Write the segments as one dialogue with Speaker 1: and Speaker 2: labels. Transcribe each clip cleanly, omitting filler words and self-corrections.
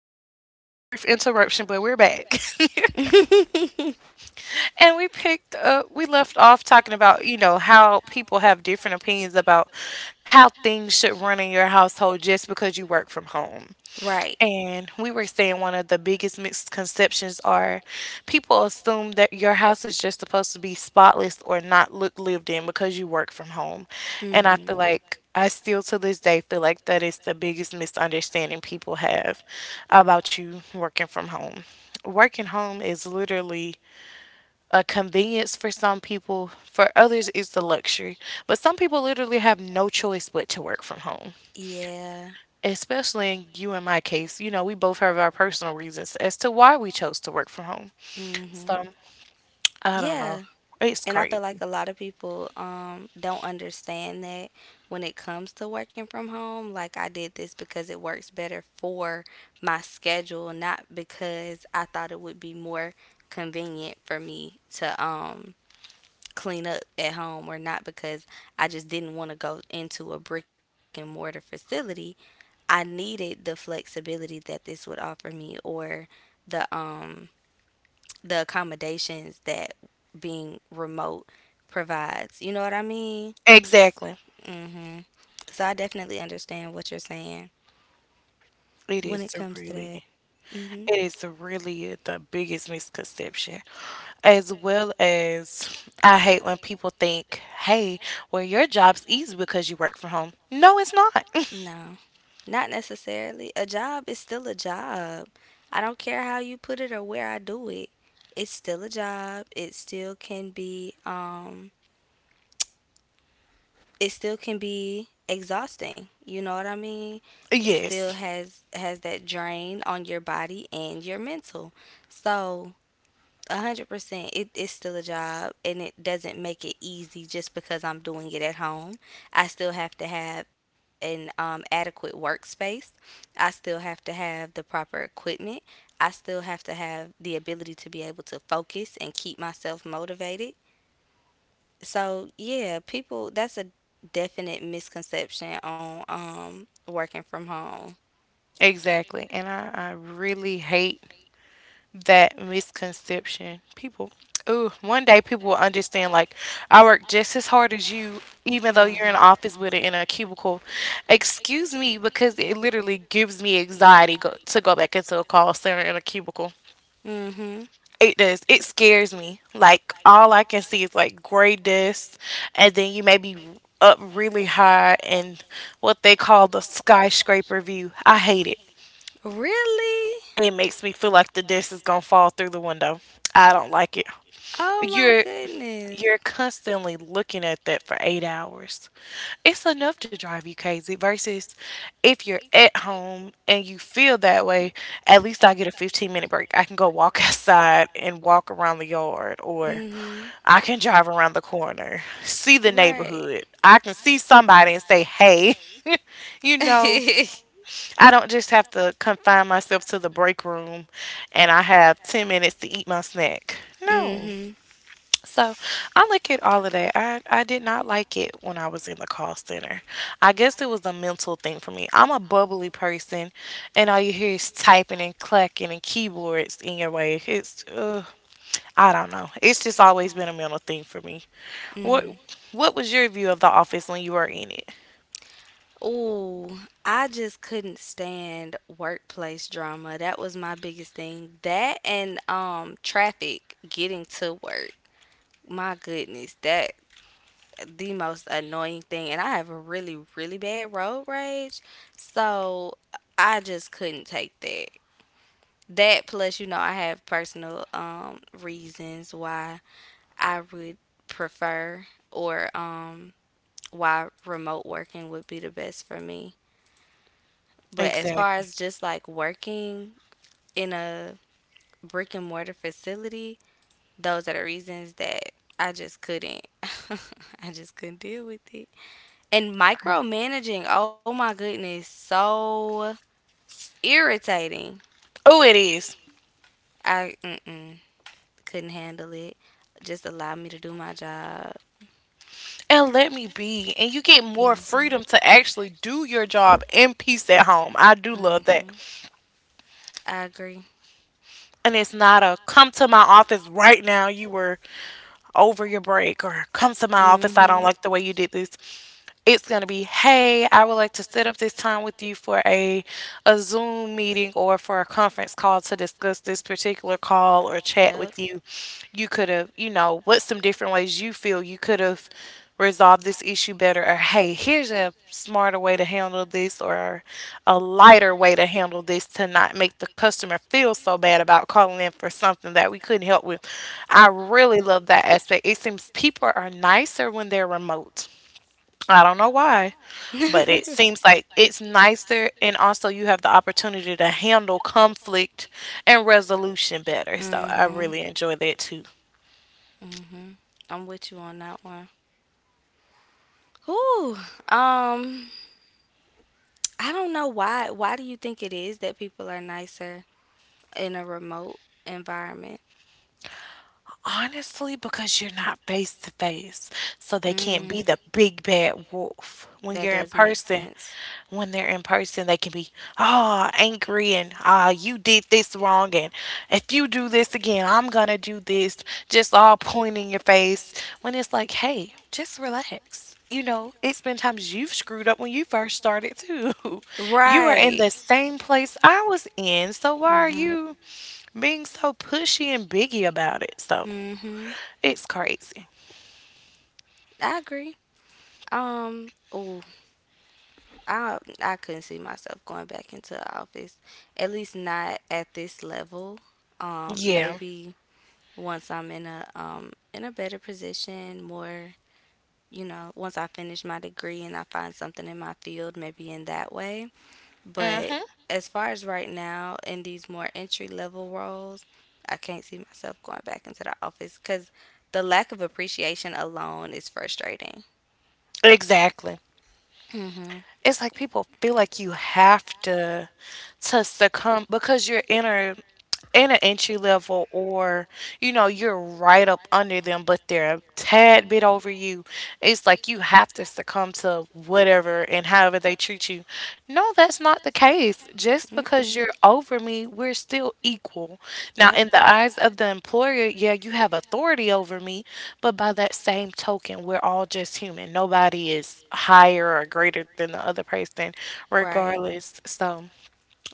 Speaker 1: like we had a brief interruption, but we're back. And we picked up, we left off talking about, you know, how people have different opinions about how things should run in your household just because you work from home.
Speaker 2: Right.
Speaker 1: And we were saying one of the biggest misconceptions are people assume that your house is just supposed to be spotless or not look lived in because you work from home. And I
Speaker 2: Hmm.
Speaker 1: feel like I still to this day feel like that is the biggest misunderstanding people have about you working from home. Working home is literally a convenience for some people, for others it's a luxury. But some people literally have no choice but to work from home,
Speaker 2: Yeah.
Speaker 1: especially in you and my case, you know, we both have our personal reasons as to why we chose to work from home.
Speaker 2: Hmm.
Speaker 1: So I don't know.
Speaker 2: Yeah.
Speaker 1: It's
Speaker 2: And I feel like
Speaker 1: crazy.
Speaker 2: a lot of people don't understand that when it comes to working from home. Like I did this because it works better for my schedule, not because I thought it would be more convenient for me to clean up at home or not because I just didn't want to go into a brick and mortar facility. I needed the flexibility that this would offer me or the the accommodations that being remote provides. You know what I mean?
Speaker 1: Exactly.
Speaker 2: Mhm. So I definitely understand what you're saying
Speaker 1: It
Speaker 2: when
Speaker 1: is
Speaker 2: it
Speaker 1: a
Speaker 2: comes to that.
Speaker 1: really,
Speaker 2: Mhm.
Speaker 1: it is a really the biggest misconception. As well as, I hate when people think, "Hey, well, your job's easy because you work from home." No, it's not.
Speaker 2: No, not necessarily. A job is still a job. I don't care how you put it or where I do it. It's still a job. It still can be it still can be exhausting. You know what I mean? It still
Speaker 1: Yes,
Speaker 2: has has that drain on your body and your mental. So, 100%. It is still a job, and it doesn't make it easy just because I'm doing it at home. I still have to have an adequate workspace. I still have to have the proper equipment. I still have to have the ability to be able to focus and keep myself motivated. So yeah, people, that's a definite misconception on working from home.
Speaker 1: exactly. And I really hate that misconception. People, ooh, one day people will understand like I work just as hard as you, even though you're in an
Speaker 2: Mhm.
Speaker 1: office with it in a cubicle. Excuse me, because it literally gives me anxiety to go back into a call center in a cubicle.
Speaker 2: Mhm.
Speaker 1: It does. It scares me. Like all I can see is like gray dust, and then you may be up really high and what they call the skyscraper view. I hate it.
Speaker 2: Really?
Speaker 1: It makes me feel like the dust is gonna fall through the window. I don't like it.
Speaker 2: Oh my
Speaker 1: You're
Speaker 2: goodness.
Speaker 1: you're constantly looking at that for 8 hours. It's enough to drive you crazy versus if you're at home and you feel that way, at least I get a 15-minute break. I can go walk outside and walk around the yard, or
Speaker 2: Mhm.
Speaker 1: I can drive around the corner, see the
Speaker 2: Right.
Speaker 1: neighborhood. I can see somebody and say, "Hey." You
Speaker 2: Mhm.
Speaker 1: know, I don't just have to confine myself to the break room and I have 10 minutes to eat my snack. No. So I look at all of that. I did not like it when I was in the call center. I guess it was a mental thing for me. I'm a bubbly person, and all you hear is typing and clacking and keyboards in your way. It's I don't know. It's just always been a mental thing for me. What
Speaker 2: Mhm.
Speaker 1: What was your view of the office when you were in it?
Speaker 2: Ooh, I just couldn't stand workplace drama. That was my biggest thing. That and traffic getting to work. My goodness, that the most annoying thing. And I have a really bad road rage. So I just couldn't take that. That plus you know I have personal reasons why I would prefer or why remote working would be the best for me. But as far
Speaker 1: Exactly.
Speaker 2: as just like working in a brick and mortar facility, those are the reasons that I just couldn't. I just couldn't deal with it. And micromanaging, oh my goodness, so irritating.
Speaker 1: Oh, it is.
Speaker 2: I mm-mm, couldn't handle it. Just allow me to do my job.
Speaker 1: And let me be. And you get more freedom to actually do your job in peace at home. I do love that.
Speaker 2: I agree.
Speaker 1: And it's not a come to my office right now you were over your break, or come to my office I don't like the way you did this. It's going to be, hey, I would like to set up this time with you for a Zoom meeting or for a conference call to discuss this particular call or chat with you. You could have, you know, what's some different ways you feel you could have resolved this issue better? Or, hey, here's a smarter way to handle this, or a lighter way to handle this to not make the customer feel so bad about calling in for something that we couldn't help with. I really love that aspect. It seems people are nicer when they're remote. I don't know why,
Speaker 2: But
Speaker 1: but it
Speaker 2: mm-hmm.
Speaker 1: seems like it's nicer, and also you have the opportunity to handle conflict and resolution better. So I really enjoy that too.
Speaker 2: Mm-hmm. I'm with you on that one. Whew. Um. I don't know why. Why do you think it is that people are nicer in a remote environment?
Speaker 1: Honestly, because you're not face to face, so they can't be
Speaker 2: Mm,
Speaker 1: the big bad wolf. When
Speaker 2: that
Speaker 1: you're in
Speaker 2: does make
Speaker 1: person,
Speaker 2: sense.
Speaker 1: when they're in person, they can be angry and you did this wrong, and if you do this again, I'm gonna do this. Just all pointing your face. When it's like, hey, just relax. You know, it's been times you've screwed up when you first started too. You were in
Speaker 2: Right.
Speaker 1: the same place I was in, so why are
Speaker 2: Mhm.
Speaker 1: you being so pushy and biggy about it? So
Speaker 2: Mhm.
Speaker 1: it's crazy.
Speaker 2: I agree. Oh, I couldn't see myself going back into the office. At least not at this level. Um,
Speaker 1: Yeah.
Speaker 2: maybe once I'm in a better position, more you know, once I finish my degree and I find something in my field, maybe in that way. But
Speaker 1: Hmm.
Speaker 2: as far as right now, in these more entry level roles, I can't see myself going back into the office because the lack of appreciation alone is frustrating.
Speaker 1: Exactly.
Speaker 2: Mm-hmm.
Speaker 1: It's like people feel like you have to succumb because you're in a in an entry level, or you know you're right up under them but they're a tad bit over you, it's like you have to succumb to whatever and however they treat you. No, that's not the case. Just because
Speaker 2: Mm-mm.
Speaker 1: you're over me, we're still equal. Now
Speaker 2: Yep.
Speaker 1: in the eyes of the employer, yeah, you have authority over me, but by that same token, we're all just human. Nobody is higher or greater than the other person
Speaker 2: Right.
Speaker 1: regardless. So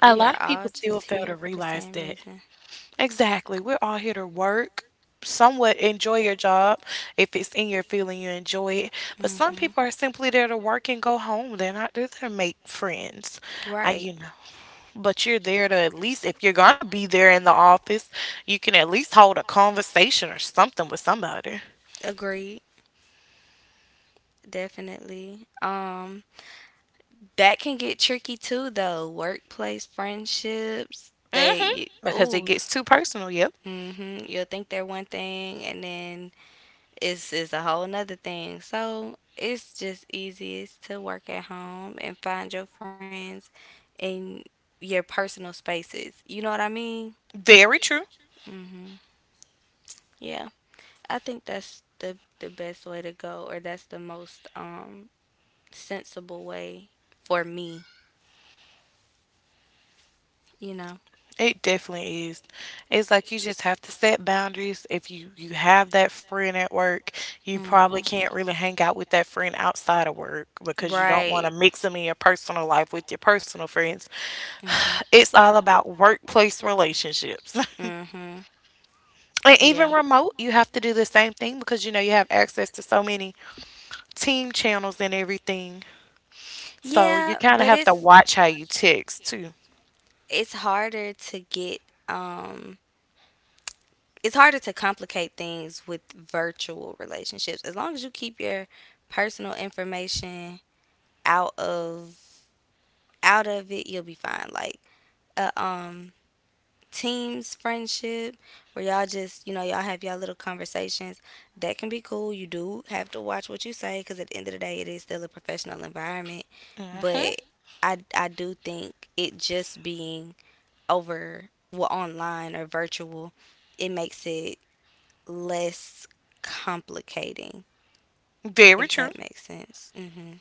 Speaker 1: a
Speaker 2: We
Speaker 1: lot of
Speaker 2: are
Speaker 1: people
Speaker 2: all
Speaker 1: still
Speaker 2: just
Speaker 1: fail to
Speaker 2: here for the
Speaker 1: realize
Speaker 2: same
Speaker 1: that.
Speaker 2: reason.
Speaker 1: Exactly. We're all here to work, somewhat enjoy your job. If it's in your field and you enjoy it. But some people are
Speaker 2: Mm-hmm.
Speaker 1: simply there to work and go home. They're not there to make friends. I,
Speaker 2: Right.
Speaker 1: you know, but you're there to at least, if you're going to be there in the office, you can at least hold a conversation or something with somebody.
Speaker 2: Agreed. Definitely. That can get tricky too, though. Workplace friendships,
Speaker 1: Hmm.
Speaker 2: they,
Speaker 1: Because it
Speaker 2: oh,
Speaker 1: gets too personal. Yep.
Speaker 2: mm-hmm, you'll think they're one thing, and then it's a whole nother thing. So it's just easiest to work at home and find your friends in your personal spaces. You know what I mean?
Speaker 1: Very true.
Speaker 2: Mm-hmm. Yeah, I think that's the best way to go, or that's the most sensible way for me. You know.
Speaker 1: It definitely is. It's like you just have to set boundaries. If you have that friend at work, you probably
Speaker 2: Hmm.
Speaker 1: can't
Speaker 2: Probably
Speaker 1: really
Speaker 2: can't
Speaker 1: hang
Speaker 2: really
Speaker 1: out
Speaker 2: hang
Speaker 1: with that
Speaker 2: out with
Speaker 1: friend
Speaker 2: that friend
Speaker 1: outside of
Speaker 2: outside of
Speaker 1: work
Speaker 2: work.
Speaker 1: because you don't want to
Speaker 2: Right. Want
Speaker 1: mix
Speaker 2: to
Speaker 1: them
Speaker 2: mix
Speaker 1: in your
Speaker 2: them in your
Speaker 1: personal
Speaker 2: personal
Speaker 1: life with
Speaker 2: life
Speaker 1: your
Speaker 2: with your
Speaker 1: personal
Speaker 2: personal
Speaker 1: friends.
Speaker 2: friends.
Speaker 1: It's all about workplace relationships.
Speaker 2: Hmm. Hmm.
Speaker 1: And
Speaker 2: But
Speaker 1: even
Speaker 2: yeah. Even
Speaker 1: remote, you have to do the same thing
Speaker 2: thing
Speaker 1: because you know
Speaker 2: because
Speaker 1: you
Speaker 2: you
Speaker 1: have
Speaker 2: know you
Speaker 1: access
Speaker 2: exist
Speaker 1: to
Speaker 2: with
Speaker 1: so
Speaker 2: so
Speaker 1: many
Speaker 2: many.
Speaker 1: team channels and everything. So you
Speaker 2: Yeah,
Speaker 1: kind of
Speaker 2: but you
Speaker 1: have
Speaker 2: have
Speaker 1: to
Speaker 2: it's to be
Speaker 1: watch how you text too.
Speaker 2: choose too. It's harder to get um it's harder to complicate things with virtual relationships as long as you keep your personal information out of out of it you'll be fine, like uh, um teams friendship where y'all just you know y'all have y'all little conversations that can be cool. You do have to watch what you say because at the end of the day it is still a professional environment.
Speaker 1: Hmm.
Speaker 2: But I do think it just being over, well, online or virtual, it makes it less complicating,
Speaker 1: Very
Speaker 2: if
Speaker 1: true.
Speaker 2: that makes sense. Hmm.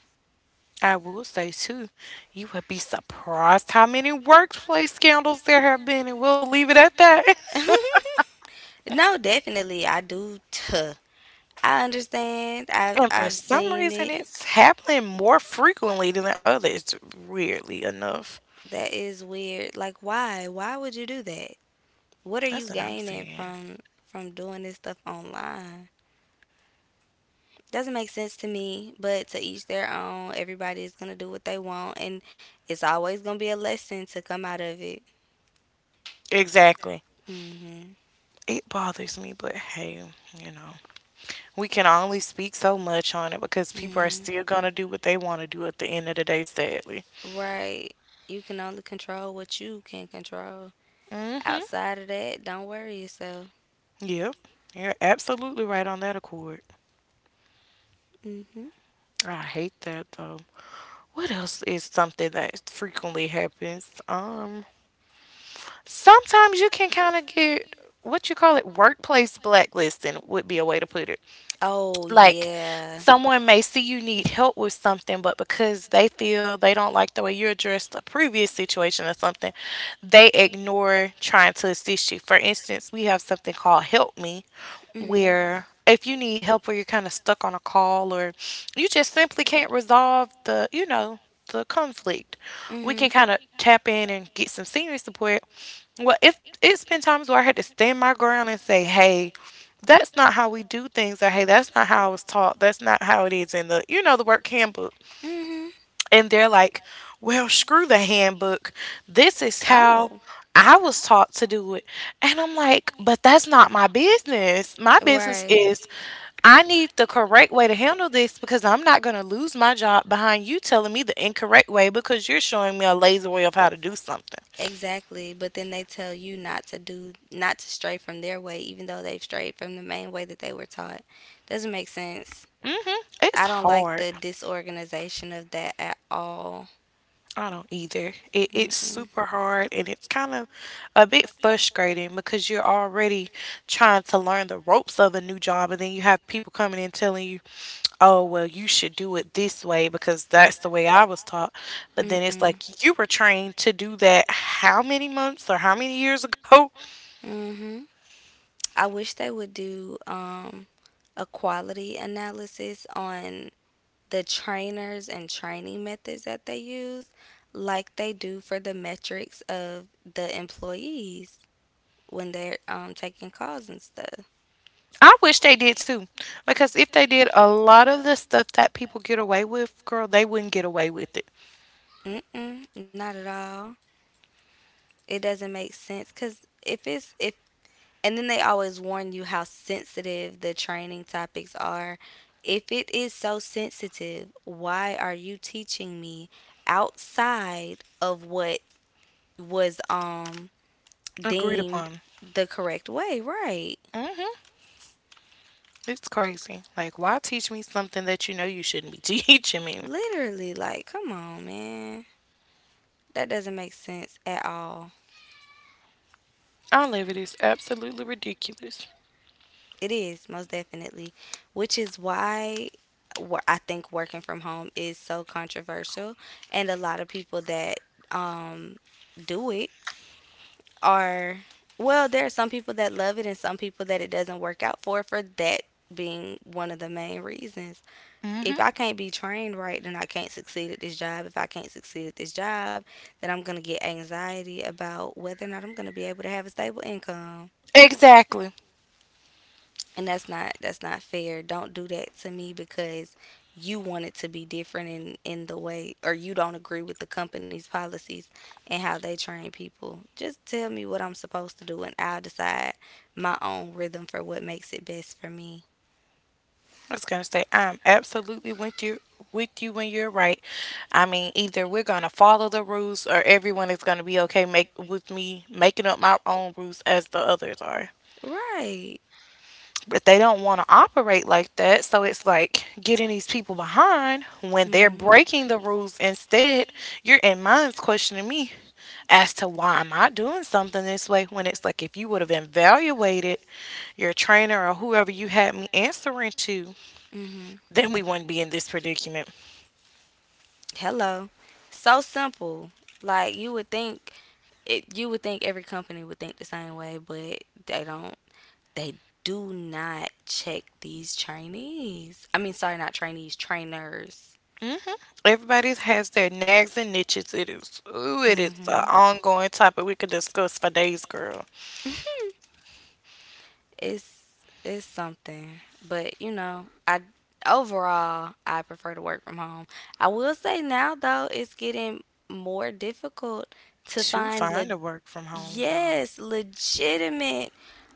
Speaker 1: I will say too, you would be surprised how many workplace scandals there have been, and we'll leave it at that.
Speaker 2: No, definitely. I do tuh. I understand. i've
Speaker 1: And for
Speaker 2: i've
Speaker 1: some
Speaker 2: seen
Speaker 1: reason,
Speaker 2: it.
Speaker 1: it's happening more frequently than others, weirdly enough.
Speaker 2: That is weird. Like why? Why would you do that? What are
Speaker 1: That's
Speaker 2: you
Speaker 1: what I'm
Speaker 2: gaining
Speaker 1: saying.
Speaker 2: from doing this stuff online? Doesn't make sense to me, but to each their own. Everybody is gonna do what they want, and it's always gonna be a lesson to come out of it.
Speaker 1: Exactly.
Speaker 2: Mhm.
Speaker 1: It bothers me, but hey, you know, we can only speak so much on it because people are
Speaker 2: Mhm.
Speaker 1: still going to do what they want to do at the end of the day, sadly.
Speaker 2: Right. You can only control what you can control.
Speaker 1: Mm hmm.
Speaker 2: Outside of that, don't worry yourself.
Speaker 1: Yep. You're absolutely right on that accord.
Speaker 2: Mhm.
Speaker 1: I hate that, though. What else is something that frequently happens? Sometimes you can kind of get what you call it workplace blacklisting would be a way to put it.
Speaker 2: Oh
Speaker 1: Like
Speaker 2: yeah.
Speaker 1: someone may see you need help with something, but because they feel they don't like the way you addressed a previous situation or something, they ignore trying to assist you. For instance, we have something called Help Me,
Speaker 2: Mhm.
Speaker 1: where if you need help or you're kind of stuck on a call, or you just simply can't resolve the, you know, the conflict. We
Speaker 2: Mhm.
Speaker 1: can kind of tap in and get some senior support. Well, if it's been times where I had to stand my ground and say, "Hey, that's not how we do things," or "Hey, that's not how I was taught. That's not how it is in the you know the work handbook."
Speaker 2: Mhm.
Speaker 1: And they're like, well, screw the handbook. This is how
Speaker 2: Oh,
Speaker 1: I was taught to do it. And I'm like, but that's not my business. My
Speaker 2: account
Speaker 1: business
Speaker 2: right.
Speaker 1: is I need the correct way to handle this because I'm not going to lose my job behind you telling me the incorrect way because you're showing me a lazy way of how to do something.
Speaker 2: Exactly. But then they tell you not to do, not to stray from their way, even though they've strayed from the main way that they were taught. Doesn't make sense.
Speaker 1: Hmm. It's
Speaker 2: I don't like
Speaker 1: hard.
Speaker 2: the disorganization of that at all.
Speaker 1: I don't either. It's
Speaker 2: Mm-mm.
Speaker 1: super hard and it's kind of a bit frustrating because you're already trying to learn the ropes of a new job and then you have people coming in telling you, oh, well, you should do it this way because that's the way I was taught. But then it's
Speaker 2: Mm-mm.
Speaker 1: like you were trained to do that how many months or how many years ago?
Speaker 2: Mm-hmm. I wish they would do a quality analysis on the trainers and training methods that they use like they do for the metrics of the employees when they're taking calls and stuff.
Speaker 1: I wish they did too because if they did, a lot of the stuff that people get away with, girl, they wouldn't get away with it.
Speaker 2: Mm-mm, not at all. It doesn't make sense because if and then they always warn you how sensitive the training topics are. If it is so sensitive, why are you teaching me outside of what was
Speaker 1: Agreed
Speaker 2: deemed
Speaker 1: upon.
Speaker 2: the correct way? Right.
Speaker 1: Hmm. It's crazy. Like, why teach me something that you know you shouldn't be teaching me?
Speaker 2: Literally, like, come on, man. That doesn't make sense at all.
Speaker 1: I live it is absolutely ridiculous.
Speaker 2: It is, most definitely, which is why I think working from home is so controversial. And a lot of people that um, do it are, well, there are some people that love it and some people that it doesn't work out for that being one of the main reasons. If I can't be trained right, then I can't succeed at this job. If I can't succeed at this job, then I'm going to get anxiety about whether or not I'm going to be able to have a stable income.
Speaker 1: Exactly.
Speaker 2: And that's not fair. Don't do that to me because you want it to be different in the way or you don't agree with the company's policies and how they train people. Just tell me what I'm supposed to do and I'll decide my own rhythm for what makes it best for me.
Speaker 1: I was gonna say I'm absolutely with you when you're right. I mean, either we're gonna follow the rules or everyone is gonna be okay make with me making up my own rules as the others are.
Speaker 2: Right.
Speaker 1: But they don't want to operate like that. So it's like getting these people behind when they're breaking the rules. Instead, you're in mine's questioning me as to why am I doing something this way when it's like if you would have evaluated your trainer or whoever you had me answering to,
Speaker 2: Mhm.
Speaker 1: then we wouldn't be in this predicament.
Speaker 2: Hello. So simple. Like you would think every company would think the same way, but they don't. They do not check these trainees. I mean, sorry, not trainees, trainers.
Speaker 1: Hmm. Everybody has their nags and niches. It is, ooh, it is an
Speaker 2: Mhm.
Speaker 1: ongoing topic we could discuss for days, girl.
Speaker 2: It's something, but you know, I overall I prefer to work from home. I will say now though, it's getting more difficult to
Speaker 1: To
Speaker 2: find.
Speaker 1: find a work from home job.
Speaker 2: Yes, legitimate,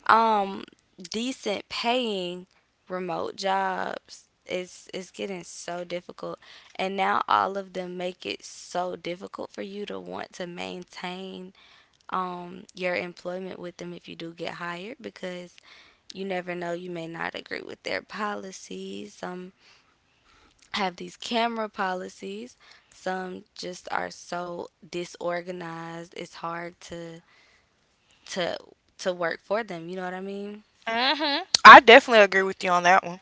Speaker 2: um, decent paying remote jobs. It's getting so difficult. And now all of them make it so difficult for you to want to maintain your employment with them if you do get hired because you never know, you may not agree with their policies. Some have these camera policies. Some just are so disorganized. It's hard to to work for them. You know what I mean?
Speaker 1: Hmm, I definitely agree with you on that one.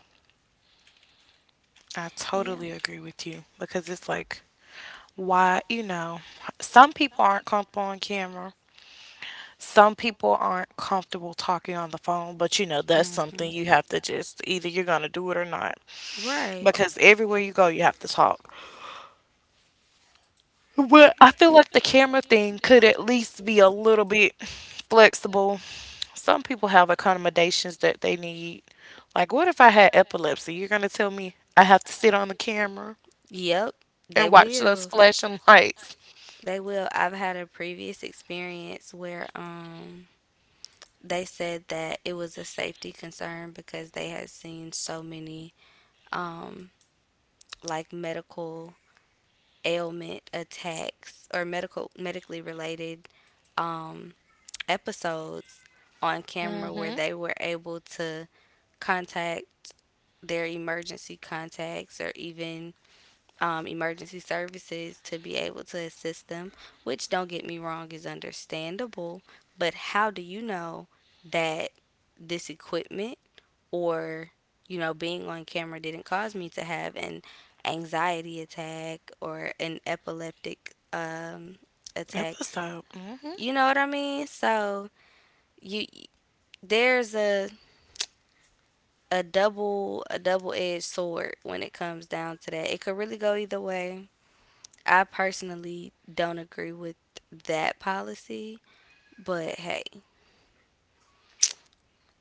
Speaker 1: I
Speaker 2: Yeah.
Speaker 1: totally agree with you because it's like, why, some people aren't comfortable on camera. Some people aren't comfortable talking on the phone, but you know, that's something
Speaker 2: Mhm.
Speaker 1: you have to just either you're going to do it or not
Speaker 2: Right.
Speaker 1: because everywhere you go, you have to talk. But I feel like the camera thing could at least be a little bit flexible. Some people have accommodations that they need. Like, what if I had epilepsy? You're going to tell me I have to sit on the camera
Speaker 2: Yep. They
Speaker 1: and watch those
Speaker 2: will.
Speaker 1: flashing lights?
Speaker 2: They will. I've had a previous experience where they said that it was a safety concern because they had seen so many um like medical ailment attacks or medically related um, episodes on camera where
Speaker 1: Hmm.
Speaker 2: they were able to contact their emergency contacts or even emergency services to be able to assist them, which don't get me wrong is understandable. But how do you know that this equipment or you know being on camera didn't cause me to have an anxiety attack or an epileptic
Speaker 1: It
Speaker 2: attack?
Speaker 1: was dope. Hmm.
Speaker 2: You know what I mean? So you there's a double-edged sword when it comes down to that. It could really go either way. I personally don't agree with that policy, but hey,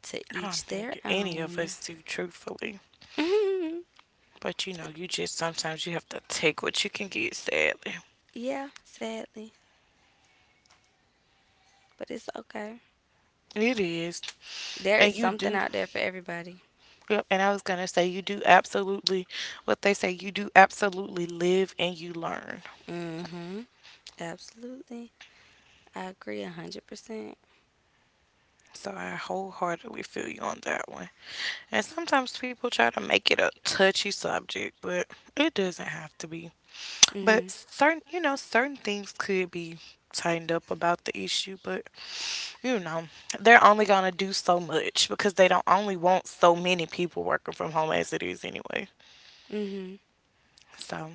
Speaker 2: to
Speaker 1: I don't
Speaker 2: each their
Speaker 1: think any of
Speaker 2: own.
Speaker 1: us do, truthfully. But you just sometimes you have to take what you can get, sadly.
Speaker 2: Yeah, sadly, but it's okay.
Speaker 1: It is.
Speaker 2: There
Speaker 1: And
Speaker 2: is
Speaker 1: you
Speaker 2: something
Speaker 1: do.
Speaker 2: out there for everybody.
Speaker 1: Yep. And I was going to say, you do absolutely what they say, you do absolutely live and you learn.
Speaker 2: Mhm. Absolutely. I agree 100%.
Speaker 1: So I wholeheartedly feel you on that one. And sometimes people try to make it a touchy subject, but it doesn't have to be. But
Speaker 2: Mhm.
Speaker 1: certain, you know, certain things could be tightened up about the issue, but you know, they're only gonna do so much because they don't only want so many people working from home as it is anyway.
Speaker 2: Mhm.
Speaker 1: So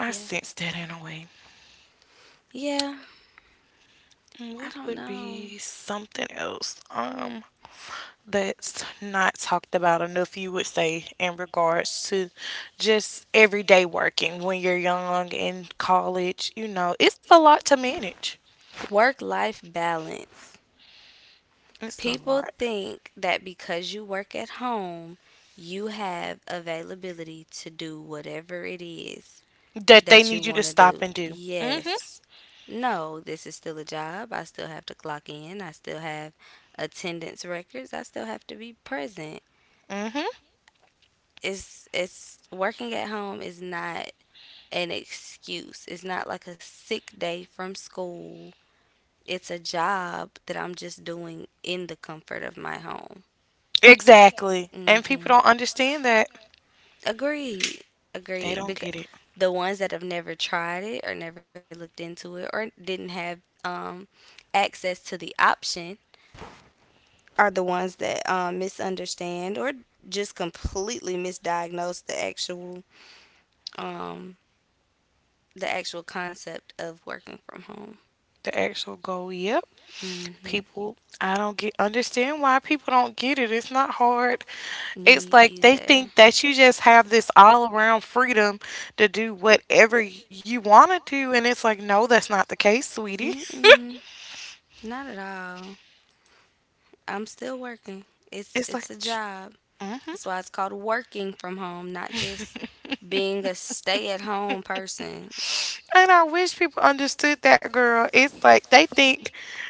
Speaker 1: I
Speaker 2: Yeah.
Speaker 1: sense that in a way.
Speaker 2: Yeah,
Speaker 1: Mm,
Speaker 2: I
Speaker 1: what
Speaker 2: don't
Speaker 1: would
Speaker 2: know.
Speaker 1: be something else? That's not talked about enough, you would say, in regards to just everyday working when you're young in college. You know, it's a lot to manage.
Speaker 2: Work life balance.
Speaker 1: It's a
Speaker 2: People
Speaker 1: lot.
Speaker 2: think that because you work at home, you have availability to do whatever it is
Speaker 1: That they
Speaker 2: that you
Speaker 1: need you to
Speaker 2: want to
Speaker 1: stop
Speaker 2: do.
Speaker 1: and do. Mm. Mhm.
Speaker 2: Yes. No, this is still a job. I still have to clock in. I still have attendance records. I still have to be present.
Speaker 1: Mm. Mhm.
Speaker 2: It's working at home is not an excuse. It's not like a sick day from school. It's a job that I'm just doing in the comfort of my home.
Speaker 1: Exactly. And people
Speaker 2: Hmm.
Speaker 1: don't understand that.
Speaker 2: Agreed.
Speaker 1: They
Speaker 2: Agreed.
Speaker 1: don't
Speaker 2: Because
Speaker 1: get it.
Speaker 2: the ones that have never tried it or never looked into it or didn't have um, access to the option are the ones that misunderstand or just completely misdiagnose the actual um, concept of working from home.
Speaker 1: The actual goal. Yep.
Speaker 2: Hmm.
Speaker 1: People, I don't get understand why people don't get it. It's not hard. It's
Speaker 2: Me
Speaker 1: like they
Speaker 2: either.
Speaker 1: think that you just have this all around freedom to do whatever you want to do, and it's like no, that's not the case, sweetie.
Speaker 2: Mm-mm, not at all. I'm still working. It's
Speaker 1: It's like
Speaker 2: it's a job.
Speaker 1: mm-hmm.
Speaker 2: That's why it's called working from home, not just being a stay-at-home person.
Speaker 1: And I wish people understood that, girl. It's like they think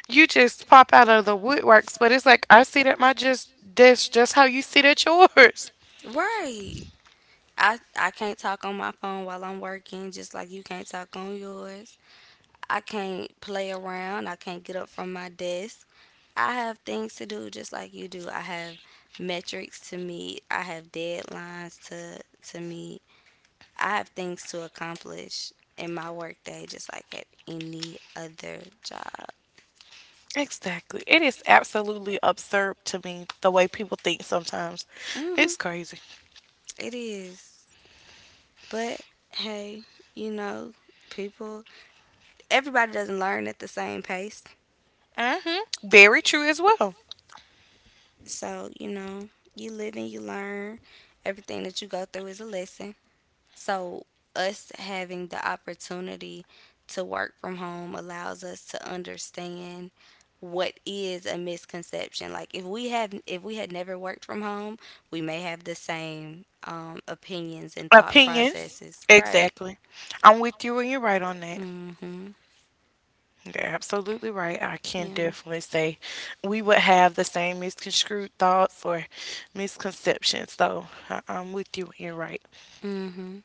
Speaker 1: you just pop out of the woodworks, but it's like I sit at my just desk just how you sit at yours.
Speaker 2: Right. I can't talk on my phone while I'm working, just like you can't talk on yours. I can't play around. I can't get up from my desk. I have things to do just like you do. I have metrics to meet. I have deadlines to meet. I have things to accomplish in my workday just like at any other job.
Speaker 1: Exactly. It is absolutely absurd to me the way people think sometimes.
Speaker 2: Hmm.
Speaker 1: It's crazy.
Speaker 2: It is. But hey, you know, people, everybody doesn't learn at the same pace.
Speaker 1: Hmm. Very true as well.
Speaker 2: So, you know, you live and you learn. Everything that you go through is a lesson. So, us having the opportunity to work from home allows us to understand what is a misconception. Like if we had never worked from home, we may have the same opinions and thought
Speaker 1: Opinions.
Speaker 2: processes. Right.
Speaker 1: Exactly. I'm with you and you're right on that.
Speaker 2: Mhm.
Speaker 1: You're absolutely right. I can
Speaker 2: Yeah.
Speaker 1: definitely say we would have the same misconstrued thoughts or misconceptions. So I'm with you. And you're right.
Speaker 2: Mhm.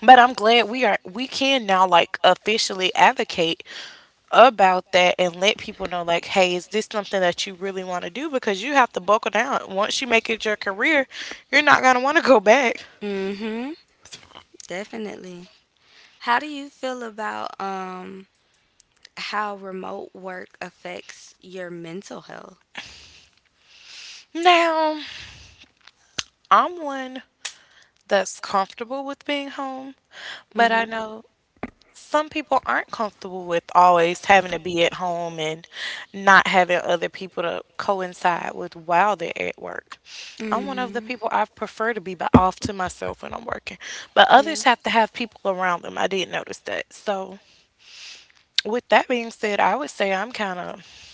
Speaker 1: But I'm glad we are. We can now like officially advocate about that and let people know like, hey, is this something that you really want to do? Because you have to buckle down. Once you make it your career, you're not gonna want to go back.
Speaker 2: Mhm. Definitely. How do you feel about how remote work affects your mental health?
Speaker 1: Now, I'm one that's comfortable with being home, but I
Speaker 2: Mhm.
Speaker 1: know some people aren't comfortable with always having to be at home and not having other people to coincide with while they're at work. I'm one of the
Speaker 2: Mhm.
Speaker 1: people I prefer to be by off to myself when I'm working, but
Speaker 2: Yeah.
Speaker 1: others have to have people around them. I did notice that. So, with that being said, I would say I'm kind of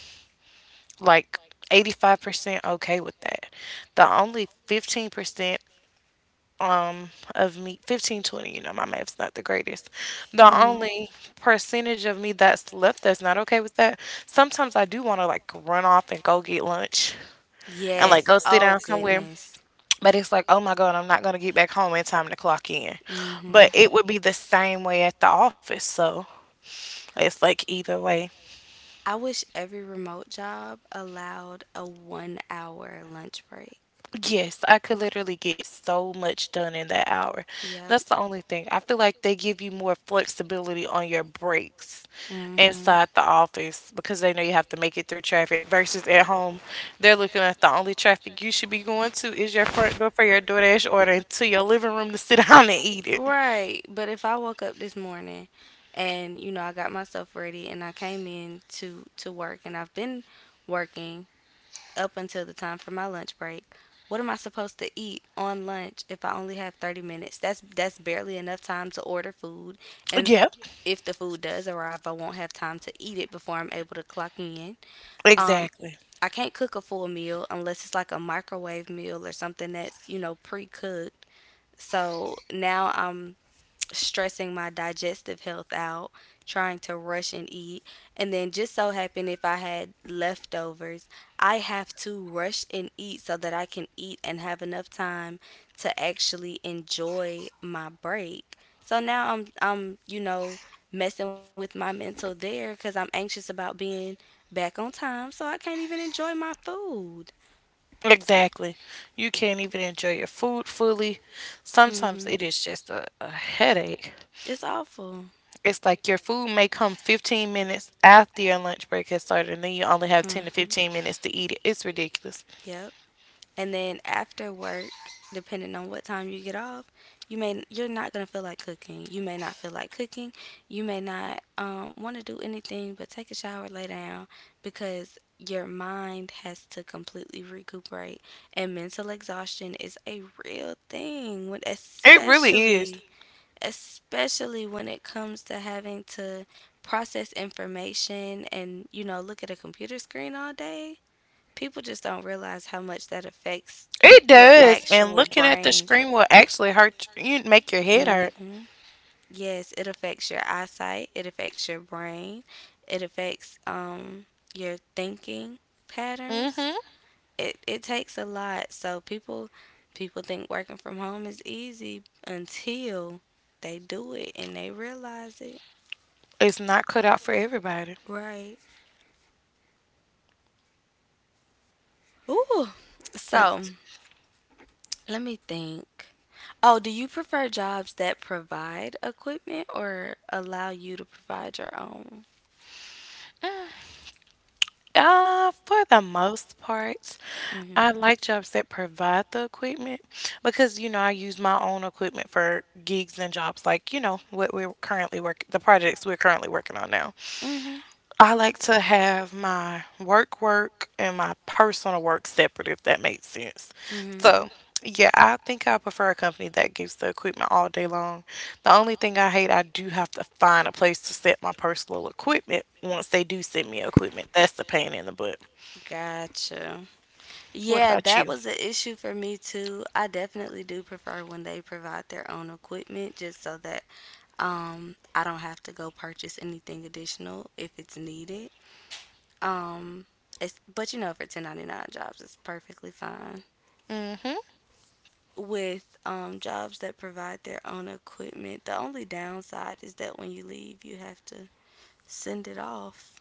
Speaker 1: like 85% okay with that. The only 15% of me, 15, 20, you know my math's not the greatest, the
Speaker 2: Hmm.
Speaker 1: only percentage of me that's left that's not okay with that, sometimes I do want to like run off and go get lunch and like
Speaker 2: Yes.
Speaker 1: go sit
Speaker 2: Oh
Speaker 1: down somewhere,
Speaker 2: goodness.
Speaker 1: but it's like oh my god, I'm not going to get back home in time to clock in.
Speaker 2: Hmm.
Speaker 1: But it would be the same way at the office, so it's like either way.
Speaker 2: I wish every remote job allowed a 1 hour lunch break.
Speaker 1: Yes, I could literally get so much done in that hour.
Speaker 2: Yep.
Speaker 1: That's the only thing. I feel like they give you more flexibility on your breaks
Speaker 2: Hmm.
Speaker 1: inside the office because they know you have to make it through traffic versus at home. They're looking at the only traffic you should be going to is your front door for your DoorDash order and to your living room to sit down and eat it.
Speaker 2: Right. But if I woke up this morning and you know I got myself ready and I came in to work and I've been working up until the time for my lunch break, what am I supposed to eat on lunch if I only have 30 minutes? That's barely enough time to order food and
Speaker 1: Yep,
Speaker 2: if the food does arrive, I won't have time to eat it before I'm able to clock in. Um
Speaker 1: exactly.
Speaker 2: I can't cook a full meal unless it's like a microwave meal or something that's, you know, pre cooked. So now I'm stressing my digestive health out, trying to rush and eat. And then just so happened if I had leftovers, I have to rush and eat so that I can eat and have enough time to actually enjoy my break. So now I'm, you know, messing with my mental there cuz I'm anxious about being back on time, so I can't even enjoy my food.
Speaker 1: Exactly. You can't even enjoy your food fully. Sometimes it
Speaker 2: Mhm.
Speaker 1: is just a headache.
Speaker 2: It's awful.
Speaker 1: It's like your food may come 15 minutes after your lunch break has started, and then you only have 10 to
Speaker 2: Mhm.
Speaker 1: 15 minutes to eat it. It's ridiculous.
Speaker 2: Yep. And then after work, depending on what time you get off, you're not gonna feel like cooking. You may not feel like cooking. You may not want to do anything but take a shower, lay down, because your mind has to completely recuperate. And mental exhaustion is a real thing when
Speaker 1: It really is.
Speaker 2: especially especially when it comes to having to process information and you know look at a computer screen all day. People just don't realize how much that affects
Speaker 1: It
Speaker 2: your
Speaker 1: does. And
Speaker 2: actual
Speaker 1: looking at the
Speaker 2: brain.
Speaker 1: screen will actually hurt you, make your head hurt.
Speaker 2: Mm-hmm. Yes, it affects your eyesight, it affects your brain, it affects your thinking patterns.
Speaker 1: Hmm.
Speaker 2: It takes a lot. So people think working from home is easy until they do it and they realize it.
Speaker 1: It's not cut out for everybody.
Speaker 2: Right. Ooh. So
Speaker 1: It's,
Speaker 2: let me think. Oh, do you prefer jobs that provide equipment or allow you to provide your own?
Speaker 1: for the most part,
Speaker 2: Mhm.
Speaker 1: I like jobs that provide the equipment because, you know, I use my own equipment for gigs and jobs like, you know, what we're currently work the projects we're currently working on now.
Speaker 2: Mhm.
Speaker 1: I like to have my work work and my personal work separate, if that makes sense.
Speaker 2: Mhm.
Speaker 1: So, yeah, I think I prefer a company that gives the equipment all day long. The only thing I hate, I do have to find a place to set my personal equipment once they do send me equipment. That's the pain in the butt.
Speaker 2: Gotcha.
Speaker 1: What
Speaker 2: Yeah,
Speaker 1: about
Speaker 2: that
Speaker 1: you?
Speaker 2: was an issue for me too. I definitely do prefer when they provide their own equipment just so that I don't have to go purchase anything additional if it's needed. Um it's but you know for 1099 jobs it's perfectly fine.
Speaker 1: Hmm.
Speaker 2: With jobs that provide their own equipment. The only downside is that when you leave, you have to send it off.